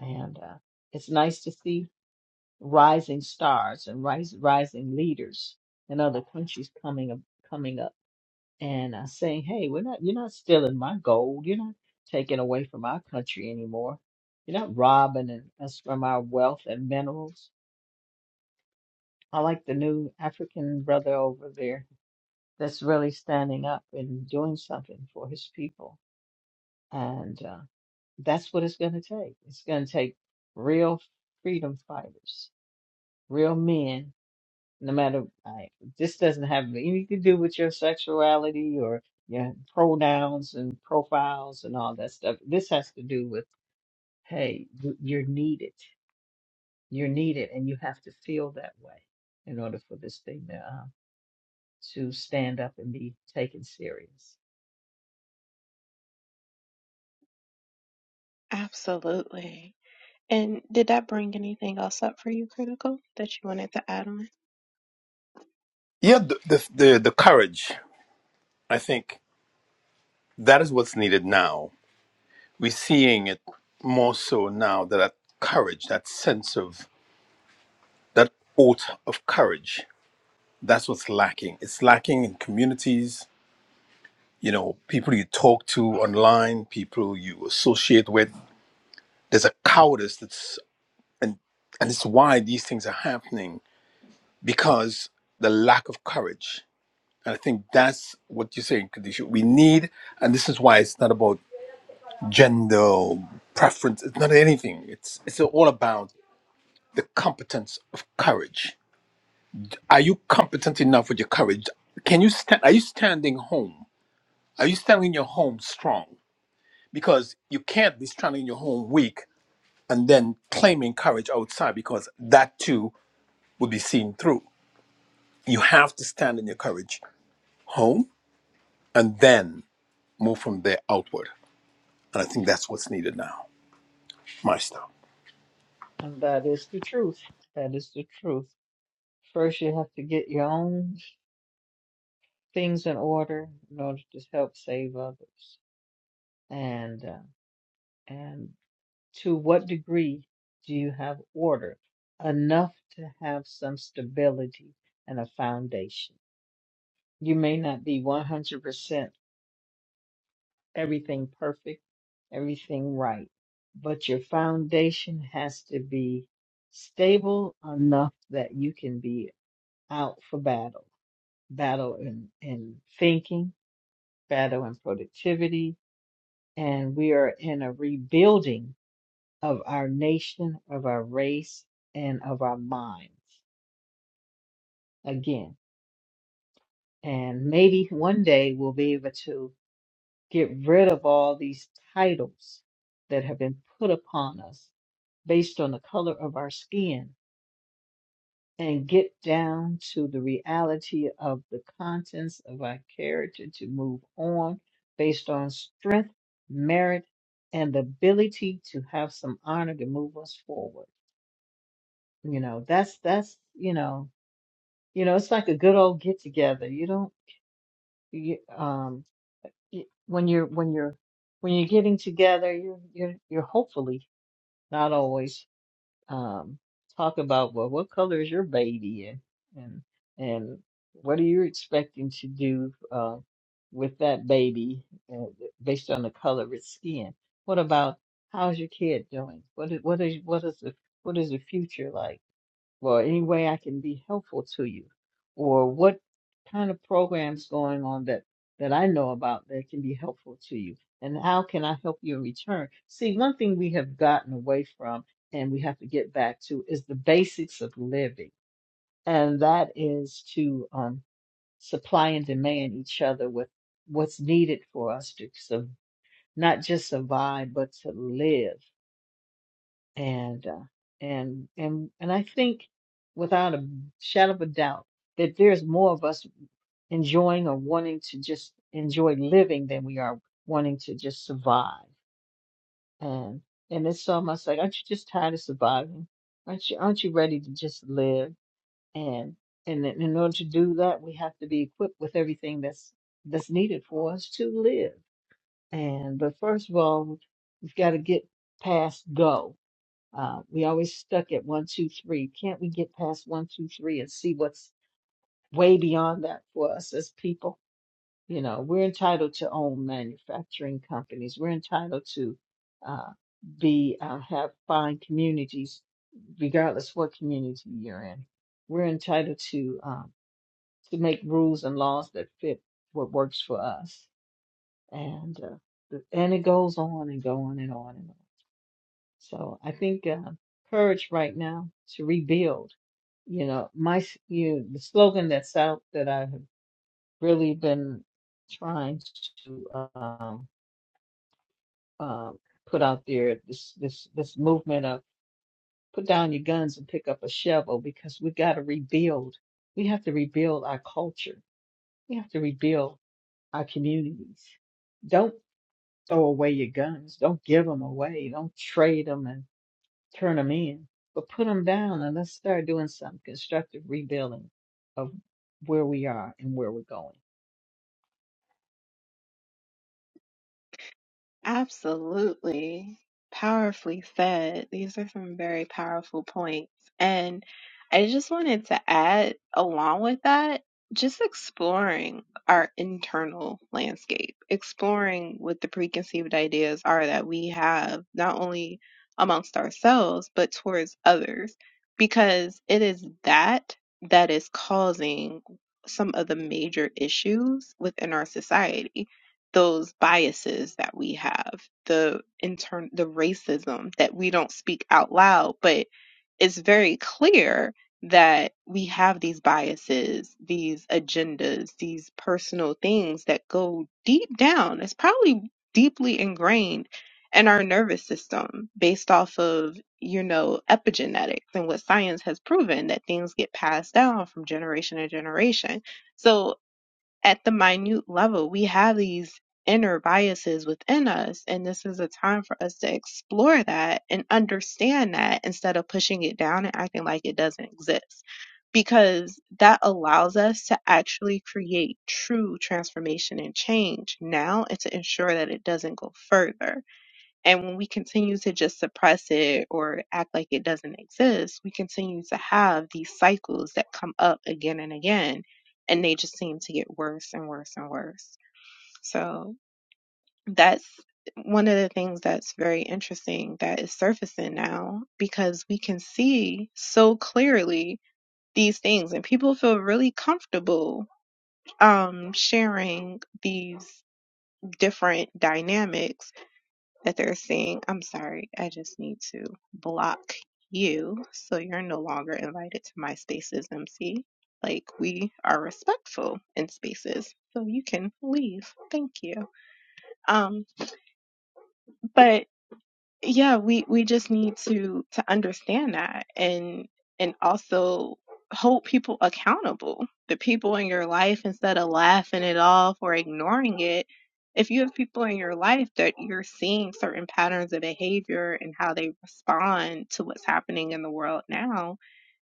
S2: and uh, it's nice to see rising stars and rise, rising leaders in other countries coming up coming up and uh, saying, "Hey, we're not. You're not stealing my gold. You're not taking away from our country anymore. You're not robbing and- us from our wealth and minerals." I like the new African brother over there that's really standing up and doing something for his people, and uh, that's what it's going to take. It's going to take real freedom fighters, real men no matter I, this doesn't have anything to do with your sexuality or your pronouns and profiles and all that stuff. This has to do with hey, you- you're needed. You're needed, and you have to feel that way in order for this thing to uh, to stand up and be taken serious.
S1: Absolutely. And did that bring anything else up for you, Critical, that you wanted to add on?
S3: Yeah, the, the, the, the courage, I think that is what's needed now. We're seeing it more so now that, that courage, that sense of, that oath of courage, that's what's lacking. It's lacking in communities, you know, people you talk to online, people you associate with there's a cowardice that's and and it's why these things are happening because the lack of courage and i think that's what you're saying Kadisha. we need and this is why it's not about gender or preference it's not anything it's it's all about the competence of courage are you competent enough with your courage can you stand are you standing home are you standing in your home strong because you can't be standing in your home weak and then claiming courage outside because that too will be seen through. You have to stand in your courage home and then move from there outward. And I think that's what's needed now. My stuff.
S2: And that is the truth. That is the truth. First, you have to get your own things in order in order to help save others. And uh, and To what degree do you have order? Enough to have some stability and a foundation. You may not be 100% everything perfect, everything right, but your foundation has to be stable enough that you can be out for battle, battle in, in thinking, battle in productivity. And we are in a rebuilding of our nation, of our race, and of our minds again. And maybe one day we'll be able to get rid of all these titles that have been put upon us based on the color of our skin and get down to the reality of the contents of our character to move on based on strength, merit, and the ability to have some honor to move us forward. You know, that's that's you know You know, it's like a good old get together. You don't, you, um, y when you're when you're when you're getting together, you're you're you're hopefully not always um talk about well, what color is your baby and and and what are you expecting to do uh with that baby uh, based on the color of its skin? What about how's your kid doing? What is what is what is the what is the future like? Well, any way I can be helpful to you, or what kind of programs going on that that I know about that can be helpful to you, and how can I help you in return? See, one thing we have gotten away from and we have to get back to is the basics of living, and that is to um, supply and demand each other with what's needed for us to so not just survive but to live and uh, and and and I think without a shadow of a doubt that there's more of us enjoying or wanting to just enjoy living than we are wanting to just survive. And and it's almost like, aren't you just tired of surviving? Aren't you aren't you ready to just live? And and in in order to do that, we have to be equipped with everything that's that's needed for us to live. And but first of all, we've got to get past go uh, we always stuck at one, two, three. Can't we get past one, two, three and see what's way beyond that for us as people? You know, we're entitled to own manufacturing companies. We're entitled to uh, be uh, have fine communities, regardless what community you're in. We're entitled to um, to make rules and laws that fit what works for us, and uh, the- and it goes on and go on and on and on. So I think uh, courage right now to rebuild. You know, my s- you the slogan that's out that I have really been trying to um, um put out there this this this movement of put down your guns and pick up a shovel because we got to rebuild. We have to rebuild our culture. We have to rebuild our communities. Don't throw away your guns. Don't give them away. Don't trade them turn them in, but put them down and let's start doing some constructive rebuilding of where we are and where we're going.
S1: Absolutely. Powerfully said. These are some very powerful points. And I just wanted to add, along with that, just exploring our internal landscape, exploring what the preconceived ideas are that we have, not only amongst ourselves, but towards others, because it is that that is causing some of the major issues within our society those biases that we have, the intern the racism that we don't speak out loud, but it's very clear that we have these biases, these agendas, these personal things that go deep down. It's probably deeply ingrained in our nervous system based off of, you know, epigenetics and what science has proven that things get passed down from generation to generation. So at the minute level. We have these inner biases within us, and this is a time for us to explore that and understand that instead of pushing it down and acting like it doesn't exist. Because that allows us to actually create true transformation and change now and to ensure that it doesn't go further. And when we continue to just suppress it or act like it doesn't exist, we continue to have these cycles that come up again and again, and they just seem to get worse and worse and worse. So that's one of the things that's very interesting that is surfacing now because we can see so clearly these things and people feel really comfortable um sharing these different dynamics that they're saying, I'm sorry, I just need to block you so you're no longer invited to my spaces, MC. Like, we are respectful in spaces, so you can leave. Thank you. Um, but yeah we we just need to to understand that and and also hold people accountable the people in your life instead of laughing it off or ignoring it if you have people in your life that you're seeing certain patterns of behavior and how they respond to what's happening in the world now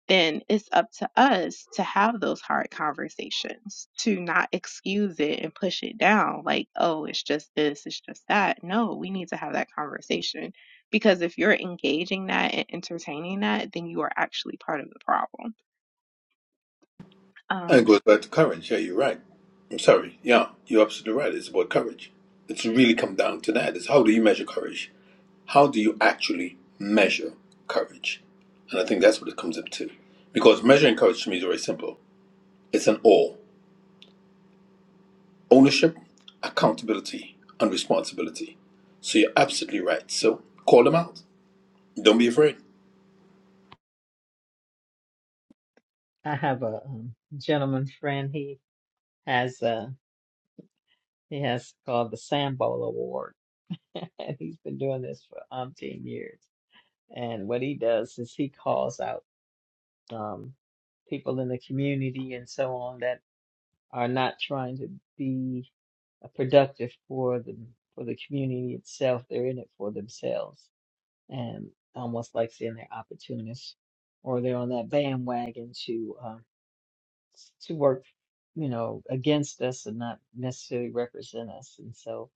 S1: then it's up to us to have those hard conversations, to not excuse it and push it down like, oh, it's just this, it's just that. No, we need to have that conversation because if you're engaging that and entertaining that, then you are actually part of the problem.
S3: And it
S1: Um,
S3: goes back to courage. Yeah, you're right. I'm sorry. Yeah, you're absolutely right. It's about courage. It's really come down to that. Is how do you measure courage? How do you actually measure courage? And I think that's what it comes up to. Because measuring courage to me is very simple. It's an all ownership, accountability, and responsibility. So you're absolutely right. So call them out. Don't be afraid.
S2: I have a um, gentleman friend. He has uh he has called the Sam Bowl Award, and he's been doing this for umpteen years. And what he does is he calls out um people in the community and so on that are not trying to be uh, productive for the for the community itself. They're in it for themselves and almost like saying they're opportunists or they're on that bandwagon to uh, to work, you know, against us and not necessarily represent us. And so,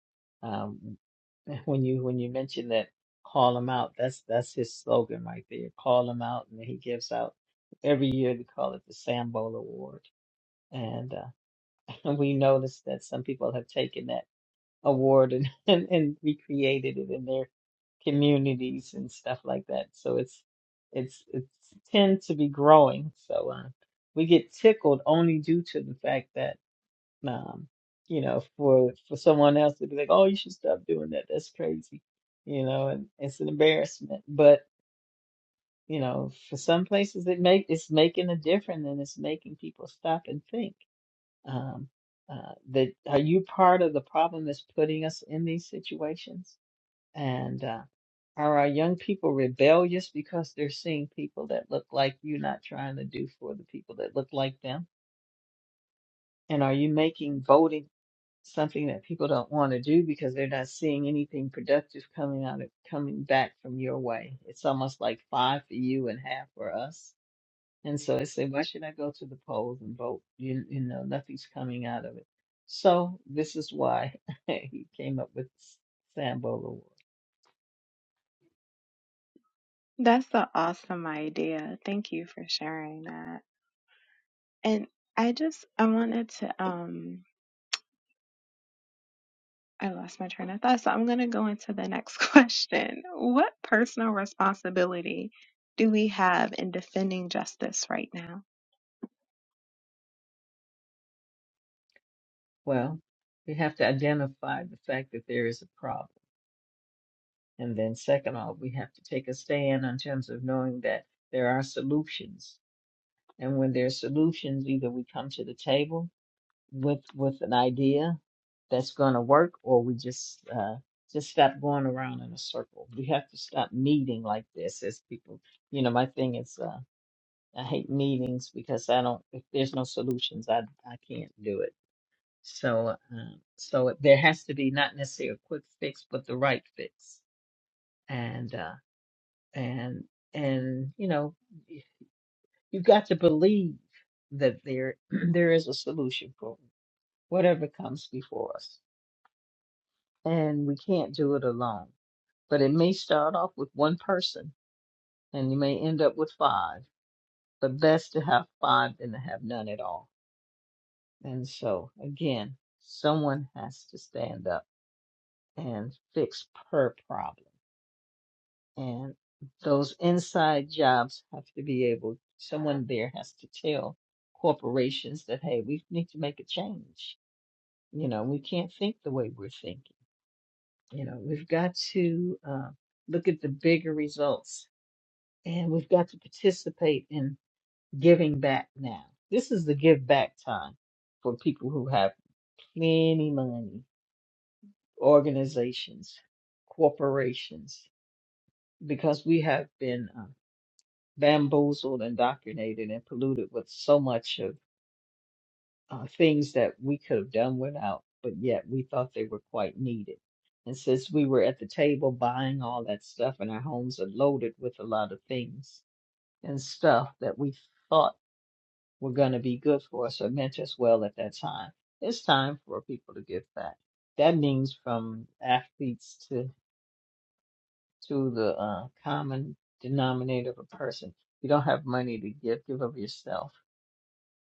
S2: um, when you when you mention that, call them out. That's that's his slogan right there. Call them out, and he gives out every year. They call it the Sambo Award, and uh, we noticed that some people have taken that award and, and, and recreated it in their communities and stuff like that. So it's it's it's tend to be growing. So uh, we get tickled only due to the fact that um, you know for for someone else to be like, oh, you should stop doing that. That's crazy, you know, and it's an embarrassment. But you know, for some places it make it's making a difference and it's making people stop and think um, uh, that are you part of the problem that's putting us in these situations? And uh, are our young people rebellious because they're seeing people that look like you not trying to do for the people that look like them? And are you making voting something that people don't want to do because they're not seeing anything productive coming out of coming back from your way? It's almost like five for you and half for us. And so I say, why should I go to the polls and vote? You, you know, nothing's coming out of it. So this is why he came up with Sambo Award.
S1: that's an awesome idea. Thank you for sharing that. And I just I wanted to um I lost my train of thought, so I'm going to go into the next question. What personal responsibility do we have in defending justice right now?
S2: Well, we have to identify the fact that there is a problem. And then second off, we have to take a stand in terms of knowing that there are solutions. And when there are solutions, either we come to the table with with an idea that's going to work, or we just uh, just stop going around in a circle. We have to stop meeting like this as people. You know, my thing is uh, I hate meetings because I don't. If there's no solutions, I I can't do it. So uh, um, so there has to be not necessarily a quick fix, but the right fix. And uh, and and you know, y- you got to believe that there there is a solution for whatever comes before us and we can't do it alone. But it may start off with one person and you may end up with five, but best to have five than to have none at all. And so, again, someone has to stand up and fix her problem. And those inside jobs have to be able, someone there has to tell corporations that, hey, we need to make a change. You know, we can't think the way we're thinking. You know, we've got to uh, look at the bigger results and we've got to participate in giving back now. This is the give back time for people who have plenty money, organizations, corporations, because we have been uh, bamboozled, indoctrinated, and polluted with so much of uh, things that we could have done without, but yet we thought they were quite needed. And since we were at the table buying all that stuff, and our homes are loaded with a lot of things and stuff that we thought were going to be good for us or meant us well at that time. It's time for people to give back. That means from athletes to to the uh, common denominator of a person. If you don't have money to give, give of yourself.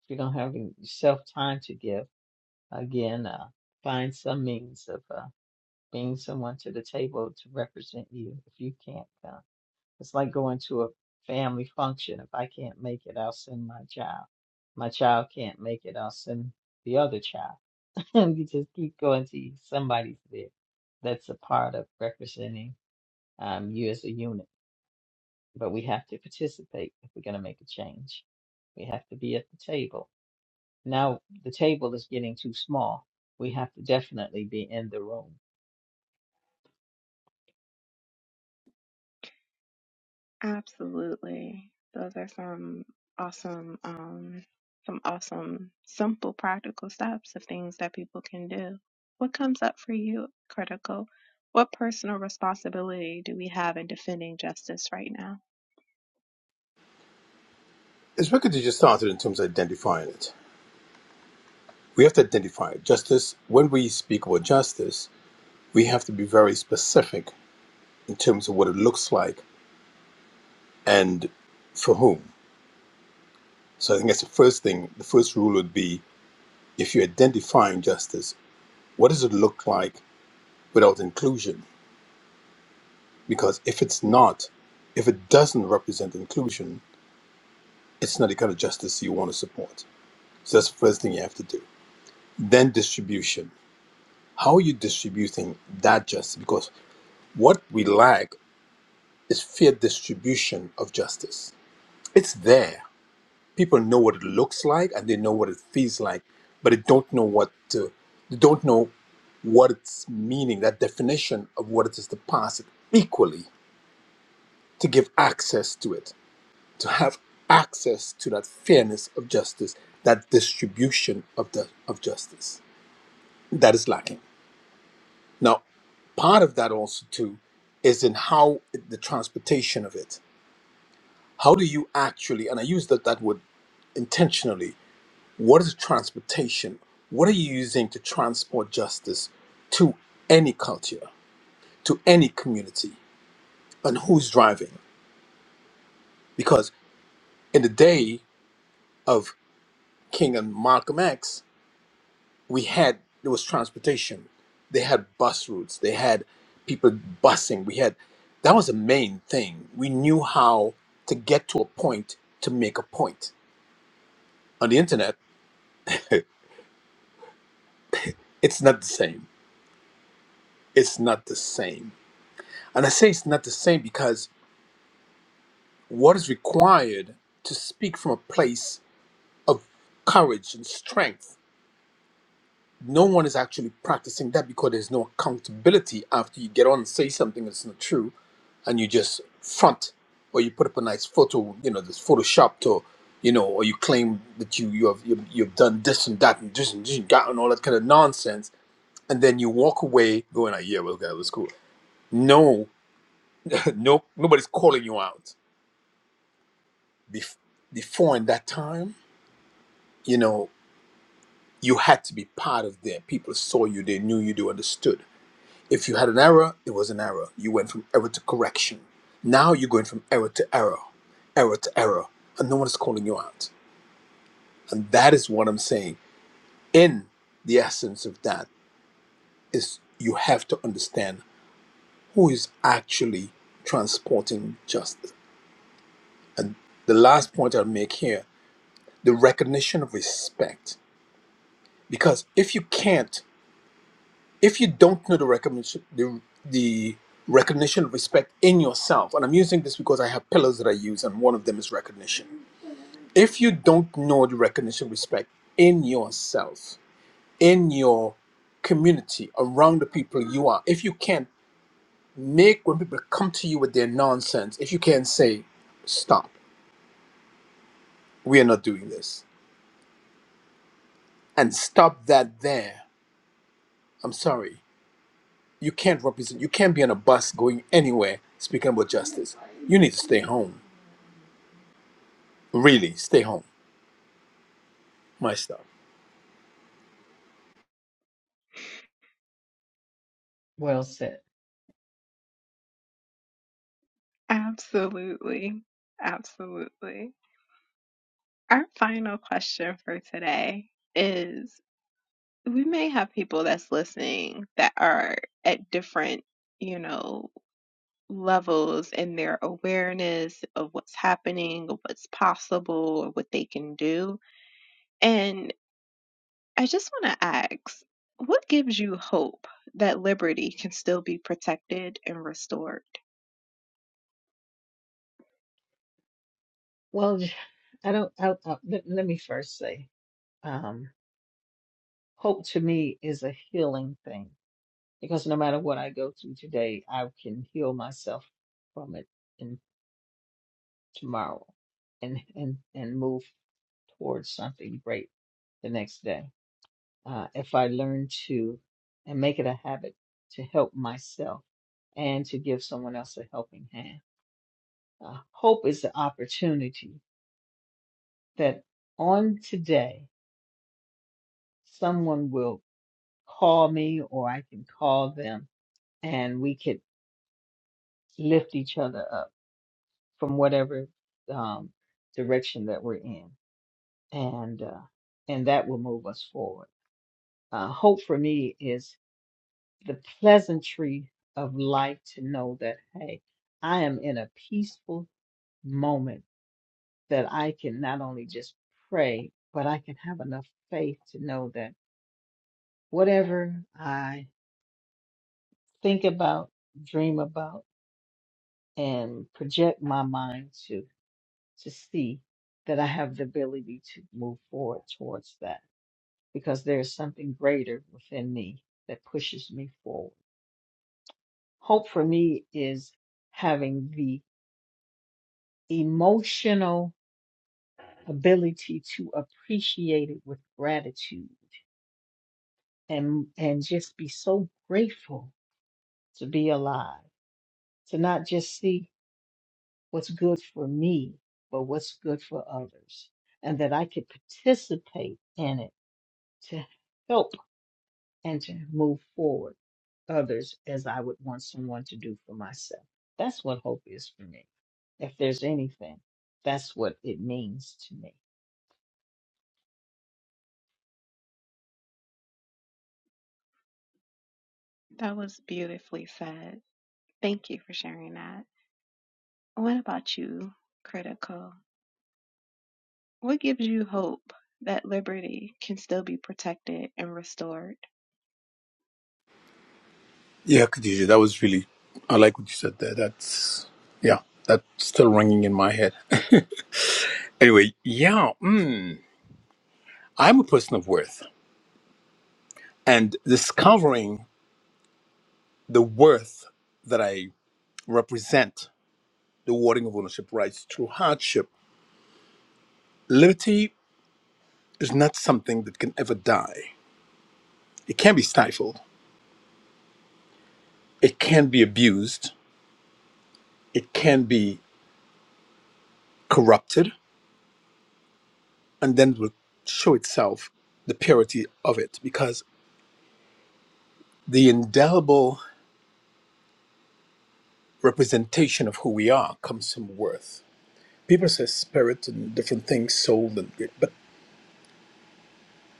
S2: If you don't have yourself time to give, again, uh, find some means of uh, bringing someone to the table to represent you if you can't come. It's like going to a family function. If I can't make it, I'll send my child. My child can't make it, I'll send the other child. And you just keep going till you, somebody's there. That's a part of representing um, you as a unit. But we have to participate if we're going to make a change. We have to be at the table. Now the table is getting too small. We have to definitely be in the room.
S1: Absolutely. Those are some awesome, um, some awesome, simple, practical steps of things that people can do. What comes up for you, critical? What personal responsibility do we have in defending justice right now?
S3: It's wicked you just started in terms of identifying it. We have to identify it. Justice, when we speak about justice, we have to be very specific in terms of what it looks like and for whom. So I think that's the first thing. The first rule would be if you're identifying justice, what does it look like without inclusion? Because if it's not, if it doesn't represent inclusion, it's not the kind of justice you want to support. So that's the first thing you have to do. Then distribution. How are you distributing that justice? Because what we lack is fair distribution of justice. It's there. People know what it looks like and they know what it feels like, but they don't know what to, they don't know what its meaning, that definition of what it is to pass it equally, to give access to it, to have access to that fairness of justice, that distribution of the of justice that is lacking. Now, part of that also too is in how the transportation of it. How do you actually, and I use that, that word intentionally, what is transportation? What are you using to transport justice to any culture, to any community, and who's driving? Because in the day of King and Malcolm X, we had there was transportation they had bus routes they had people busing we had that was the main thing we knew how to get to a point to make a point on the internet it's not the same it's not the same and i say it's not the same because what is required to speak from a place of courage and strength no one is actually practicing that because there's no accountability after you get on and say something that's not true and you just front or you put up a nice photo you know that's photoshopped or you know or you claim that you you have you've, you've done this and that and this and this and that and all that kind of nonsense and then you walk away going like yeah well that was cool no no nobody's calling you out Bef- before in that time you know you had to be part of there people saw you they knew you they understood If you had an error, it was an error. You went from error to correction. Now you're going from error to error, error to error, and no one is calling you out. And that is what I'm saying. In the essence of that is you have to understand who is actually transporting justice. And the last point I'll make here, the recognition of respect. Because if you can't if you don't know the recognition the, the recognition of respect in yourself and i'm using this because i have pillars that i use and one of them is recognition if you don't know the recognition of respect in yourself in your community around the people you are if you can't make when people come to you with their nonsense if you can't say stop we are not doing this and stop that there i'm sorry you can't represent you can't be on a bus going anywhere speaking about justice you need to stay home Really, stay home. My stuff.
S2: Well said.
S1: Absolutely. Absolutely. Our final question for today is we may have people that's listening that are at different, you know, levels in their awareness of what's happening, of what's possible, or what they can do. And I just want to ask, what gives you hope that liberty can still be protected and restored?
S2: Well, I don't. I, I, let, let me first say. um, Hope to me is a healing thing because no matter what I go through today, I can heal myself from it in tomorrow and and and move towards something great the next day. Uh, if I learn to and make it a habit to help myself and to give someone else a helping hand. Uh, hope is the opportunity that on today someone will call me or I can call them and we could lift each other up from whatever um, direction that we're in, and uh, and that will move us forward. Uh, hope for me is the pleasantry of life to know that hey, I am in a peaceful moment that I can not only just pray, but I can have enough faith to know that whatever I think about, dream about, and project my mind to. to see that I have the ability to move forward towards that because there's something greater within me that pushes me forward. Hope for me is having the emotional ability to appreciate it with gratitude and and just be so grateful to be alive, to not just see what's good for me, but what's good for others, and that I could participate in it to help and to move forward others as I would want someone to do for myself. That's what hope is for me. If there's anything, that's what it means to me.
S1: That was beautifully said. Thank you for sharing that. What about you, Critical? What gives you hope that liberty can still be protected and restored?
S3: Yeah, Khadija, that was really. I like what you said there. That's yeah, that's still ringing in my head. anyway, yeah, mm, I'm a person of worth, and discovering the worth that I represent, the warding of ownership rights through hardship, liberty is not something that can ever die. It can be stifled. It can be abused. It can be corrupted and then it will show itself the purity of it because the indelible representation of who we are comes from worth. People say spirit and different things, soul and but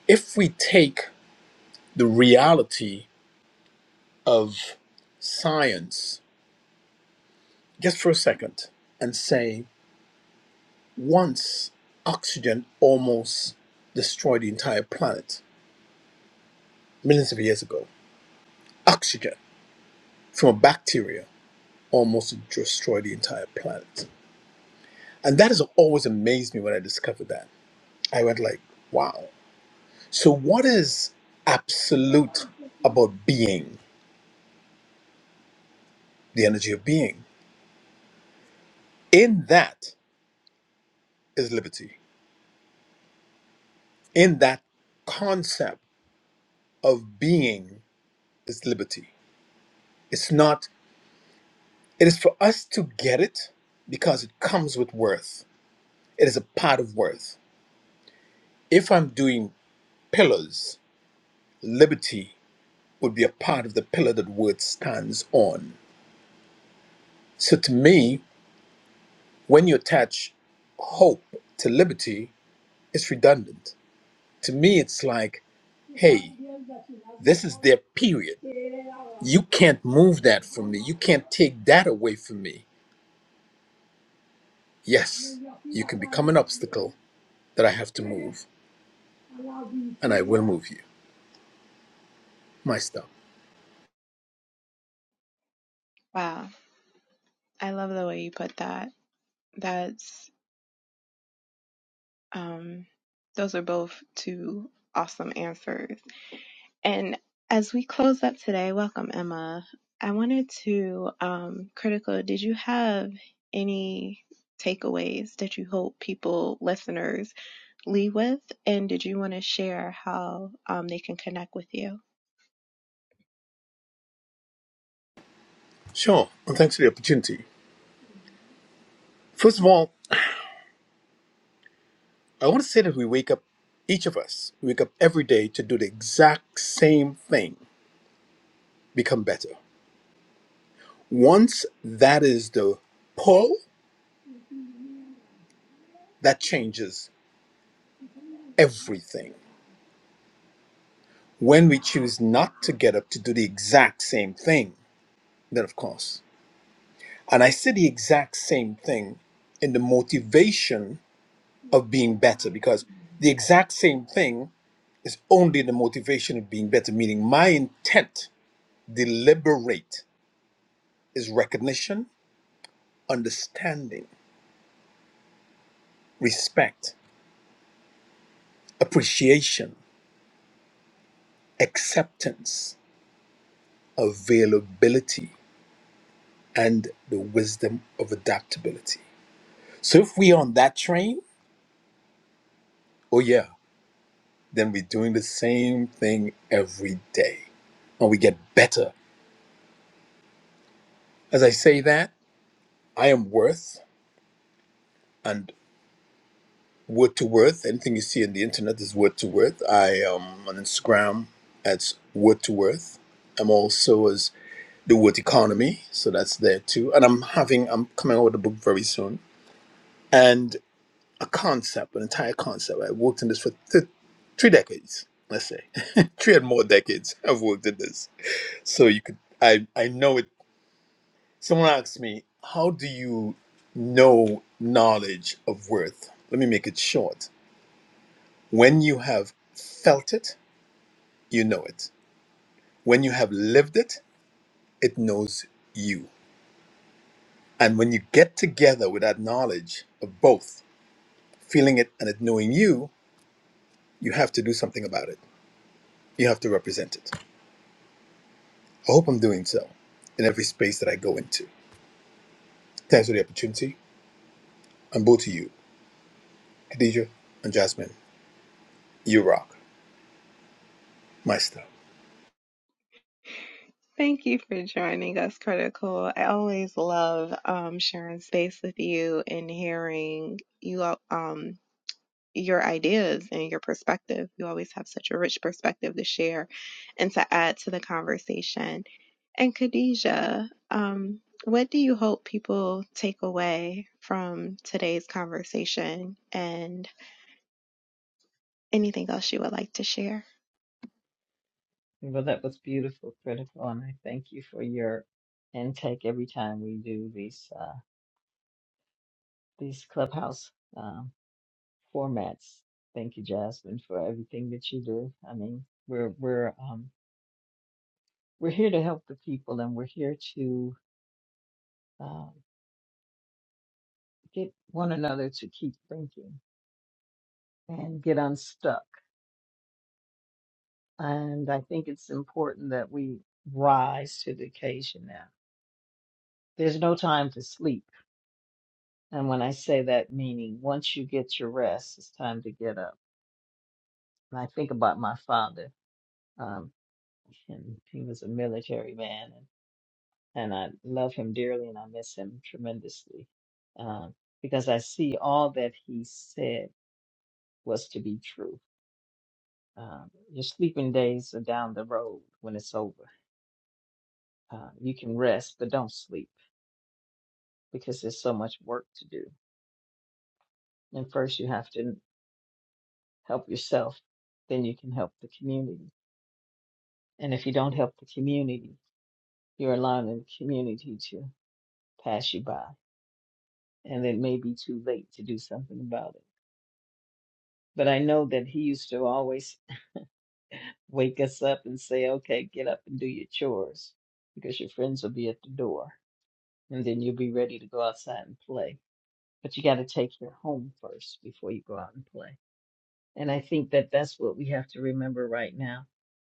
S3: if we take the reality of science just for a second and say once oxygen almost destroyed the entire planet millions of years ago, oxygen from a bacteria almost destroyed the entire planet And that has always amazed me when I discovered that. I went like, wow. So what is absolute about being, the energy of being? In that is liberty. In that concept of being is liberty. It's not, it is for us to get it because it comes with worth. It is a part of worth. If I'm doing pillars, liberty would be a part of the pillar that worth stands on. So to me, when you attach hope to liberty, it's redundant. To me, it's like, hey, this is their period. You can't move that from me. You can't take that away from me. Yes, you can become an obstacle that I have to move, and I will move you. My stuff.
S1: Wow, I love the way you put that. That's um those are both two awesome answers. And as we close up today, welcome Emma. I wanted to um critical, did you have any takeaways that you hope people listeners leave with and did you want to share how um, they can connect with you
S3: Sure, and thanks for the opportunity. First of all, I want to say that we wake up, each of us, we wake up every day to do the exact same thing become better. Once that is the pull, that changes everything. When we choose not to get up to do the exact same thing, then of course. And I say the exact same thing in the motivation of being better because the exact same thing is only the motivation of being better, meaning my intent, deliberate, is recognition, understanding, respect, appreciation, acceptance, availability and the wisdom of adaptability. So if we're on that train, oh yeah, then we're doing the same thing every day and we get better. As I say that, I am worth and word to worth. Anything you see on the internet is word to worth. I am on Instagram as word to worth. I'm also as the word economy, so that's there too. And I'm having I'm coming out with a book very soon. And a concept, an entire concept. I worked in this for th- three decades, let's say, three and more decades. I've worked in this, so you could. I I know it. Someone asked me, "How do you know knowledge of worth?" Let me make it short. When you have felt it, you know it. When you have lived it, it knows you. And when you get together with that knowledge of both, feeling it and it knowing you, you have to do something about it. You have to represent it I hope I'm doing so in every space that I go into. Thanks for the opportunity. I'm both to you, Khadija and Jasmine. You rock. Maestro.
S1: Thank you for joining us, Critical. I always love um, sharing space with you and hearing you all- um, your ideas and your perspective. You always have such a rich perspective to share and to add to the conversation. And Khadija, um, what do you hope people take away from today's conversation and anything else you would like to share?
S2: Well, that was beautiful, critical, and I thank you for your intake every time we do these uh, these clubhouse um, formats. Thank you, Jasmine, for everything that you do. I mean, we're we're um, we're here to help the people, and we're here to uh, get one another to keep thinking and get unstuck. And I think it's important that we rise to the occasion now. There's no time to sleep. And when I say that, meaning once you get your rest, it's time to get up. And I think about my father. Um, and he was a military man, and, and I love him dearly, and I miss him tremendously um, because I see all that he said was to be true. Um, your sleeping days are down the road when it's over. Uh, you can rest, but don't sleep because there's so much work to do. And first, you have to help yourself, then you can help the community. And if you don't help the community, you're allowing the community to pass you by, and it may be too late to do something about it. But I know that he used to always wake us up and say, "Okay, get up and do your chores, because your friends will be at the door, and then you'll be ready to go outside and play." But you got to take your home first before you go out and play. And I think that that's what we have to remember right now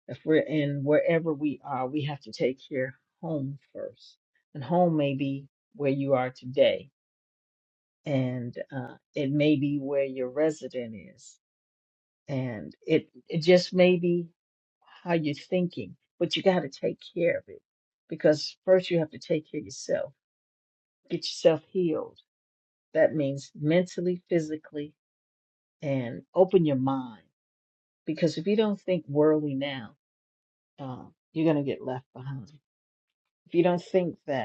S2: if we're in wherever we are, we have to take care home first. And home may be where you are today, and uh, it may be where your resident is, and it it just may be how you're thinking. But you got to take care of it because first you have to take care of yourself, get yourself healed. That means mentally, physically, and open your mind. Because if you don't think worldly now, uh, you're gonna get left behind. If you don't think that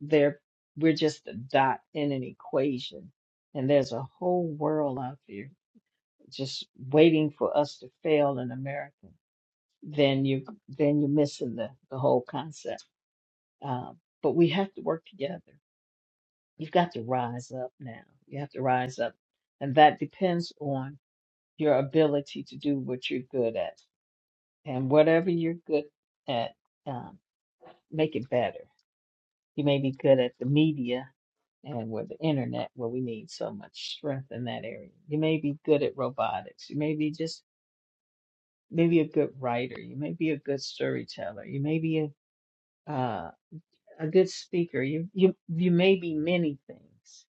S2: They're we're just a dot in an equation, and there's a whole world out there just waiting for us to fail in America. Then you then you're missing the the whole concept. Um, but we have to work together. You've got to rise up now. You have to rise up, and that depends on your ability to do what you're good at, and whatever you're good at, um, make it better. You may be good at the media, and with the internet where we need so much strength in that area. You may be good at robotics. You may be just maybe a good writer. You may be a good storyteller. You may be a uh, a good speaker. You you you may be many things.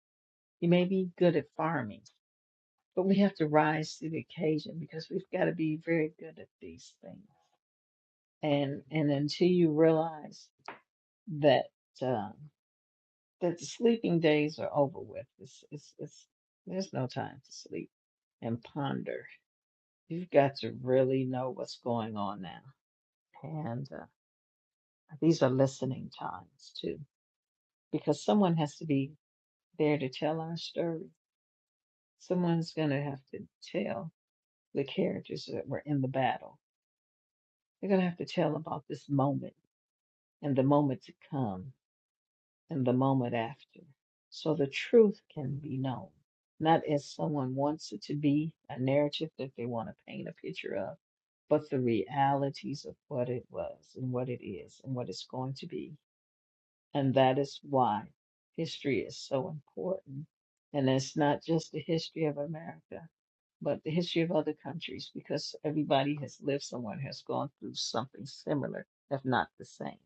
S2: You may be good at farming. But we have to rise to the occasion because we've got to be very good at these things. And and until you realize that. Um, that the sleeping days are over with. It's, it's, it's, there's no time to sleep and ponder. You've got to really know what's going on now. And uh, these are listening times too, because someone has to be there to tell our story. Someone's going to have to tell the characters that were in the battle. They're going to have to tell about this moment and the moment to come and the moment after. So the truth can be known, not as someone wants it to be, a narrative that they want to paint a picture of, but the realities of what it was and what it is and what it's going to be. And that is why history is so important. And it's not just the history of America, but the history of other countries, because everybody has lived someone has gone through something similar, if not the same.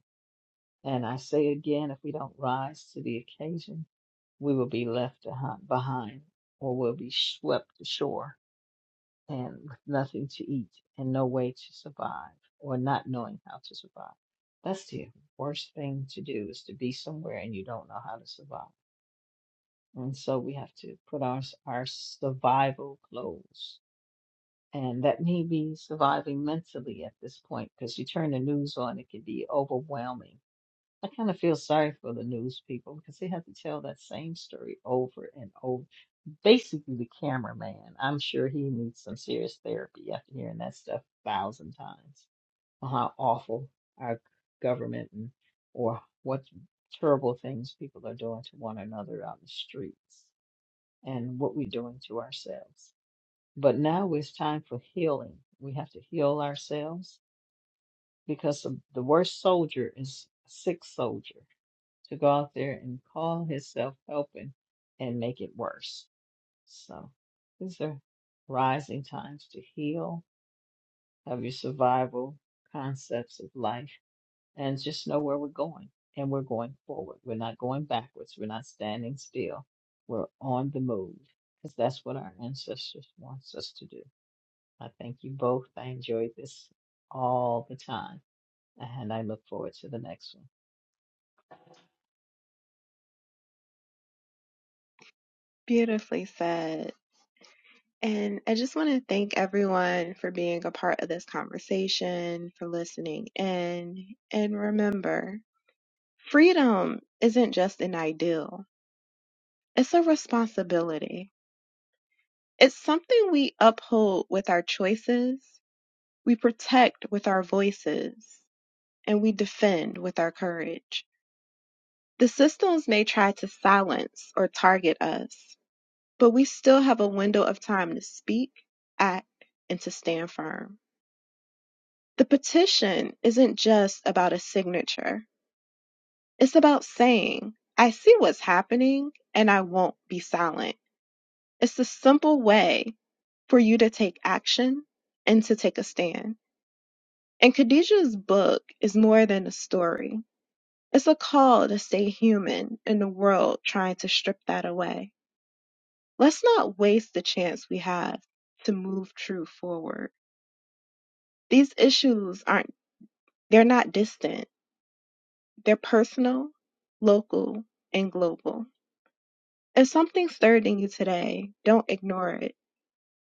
S2: And I say again, if we don't rise to the occasion, we will be left behind or will be swept ashore and with nothing to eat and no way to survive or not knowing how to survive. That's the worst thing to do is to be somewhere and you don't know how to survive. And so we have to put our, our survival clothes. And that may be surviving mentally at this point because you turn the news on, it can be overwhelming. I kind of feel sorry for the news people because they have to tell that same story over and over basically the cameraman. I'm sure he needs some serious therapy after hearing that stuff a thousand times on how awful our government and or what terrible things people are doing to one another on the streets and what we're doing to ourselves. But now it's time for healing. We have to heal ourselves because the the worst soldier is a sick soldier to go out there and call himself helping and make it worse so these are rising times to heal, have your survival concepts of life, and just know where we're going. And we're going forward. We're not going backwards. We're not standing still. We're on the move because that's what our ancestors wants us to do. I thank you both. I enjoyed this all the time, and I look forward to the next one.
S1: Beautifully said. And I just want to thank everyone for being a part of this conversation, for listening in. And remember, freedom isn't just an ideal, it's a responsibility. It's something we uphold with our choices, we protect with our voices, and we defend with our courage. The systems may try to silence or target us, but we still have a window of time to speak, act, and to stand firm. The petition isn't just about a signature, it's about saying, I see what's happening and I won't be silent. It's a simple way for you to take action and to take a stand. And Khadijah's book is more than a story. It's a call to stay human in a world trying to strip that away. Let's not waste the chance we have to move truth forward. These issues aren't, they're not distant. They're personal, local, and global. If something stirred in you today, don't ignore it.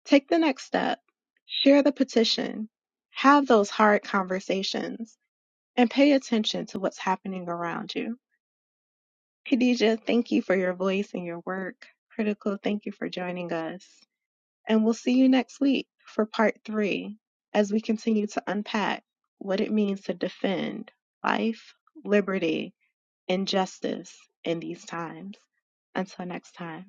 S1: Take the next step, share the petition, have those hard conversations, and pay attention to what's happening around you. Khadija, thank you for your voice and your work. Critical, thank you for joining us. And we'll see you next week for part three as we continue to unpack what it means to defend life, liberty, and justice in these times. Until next time.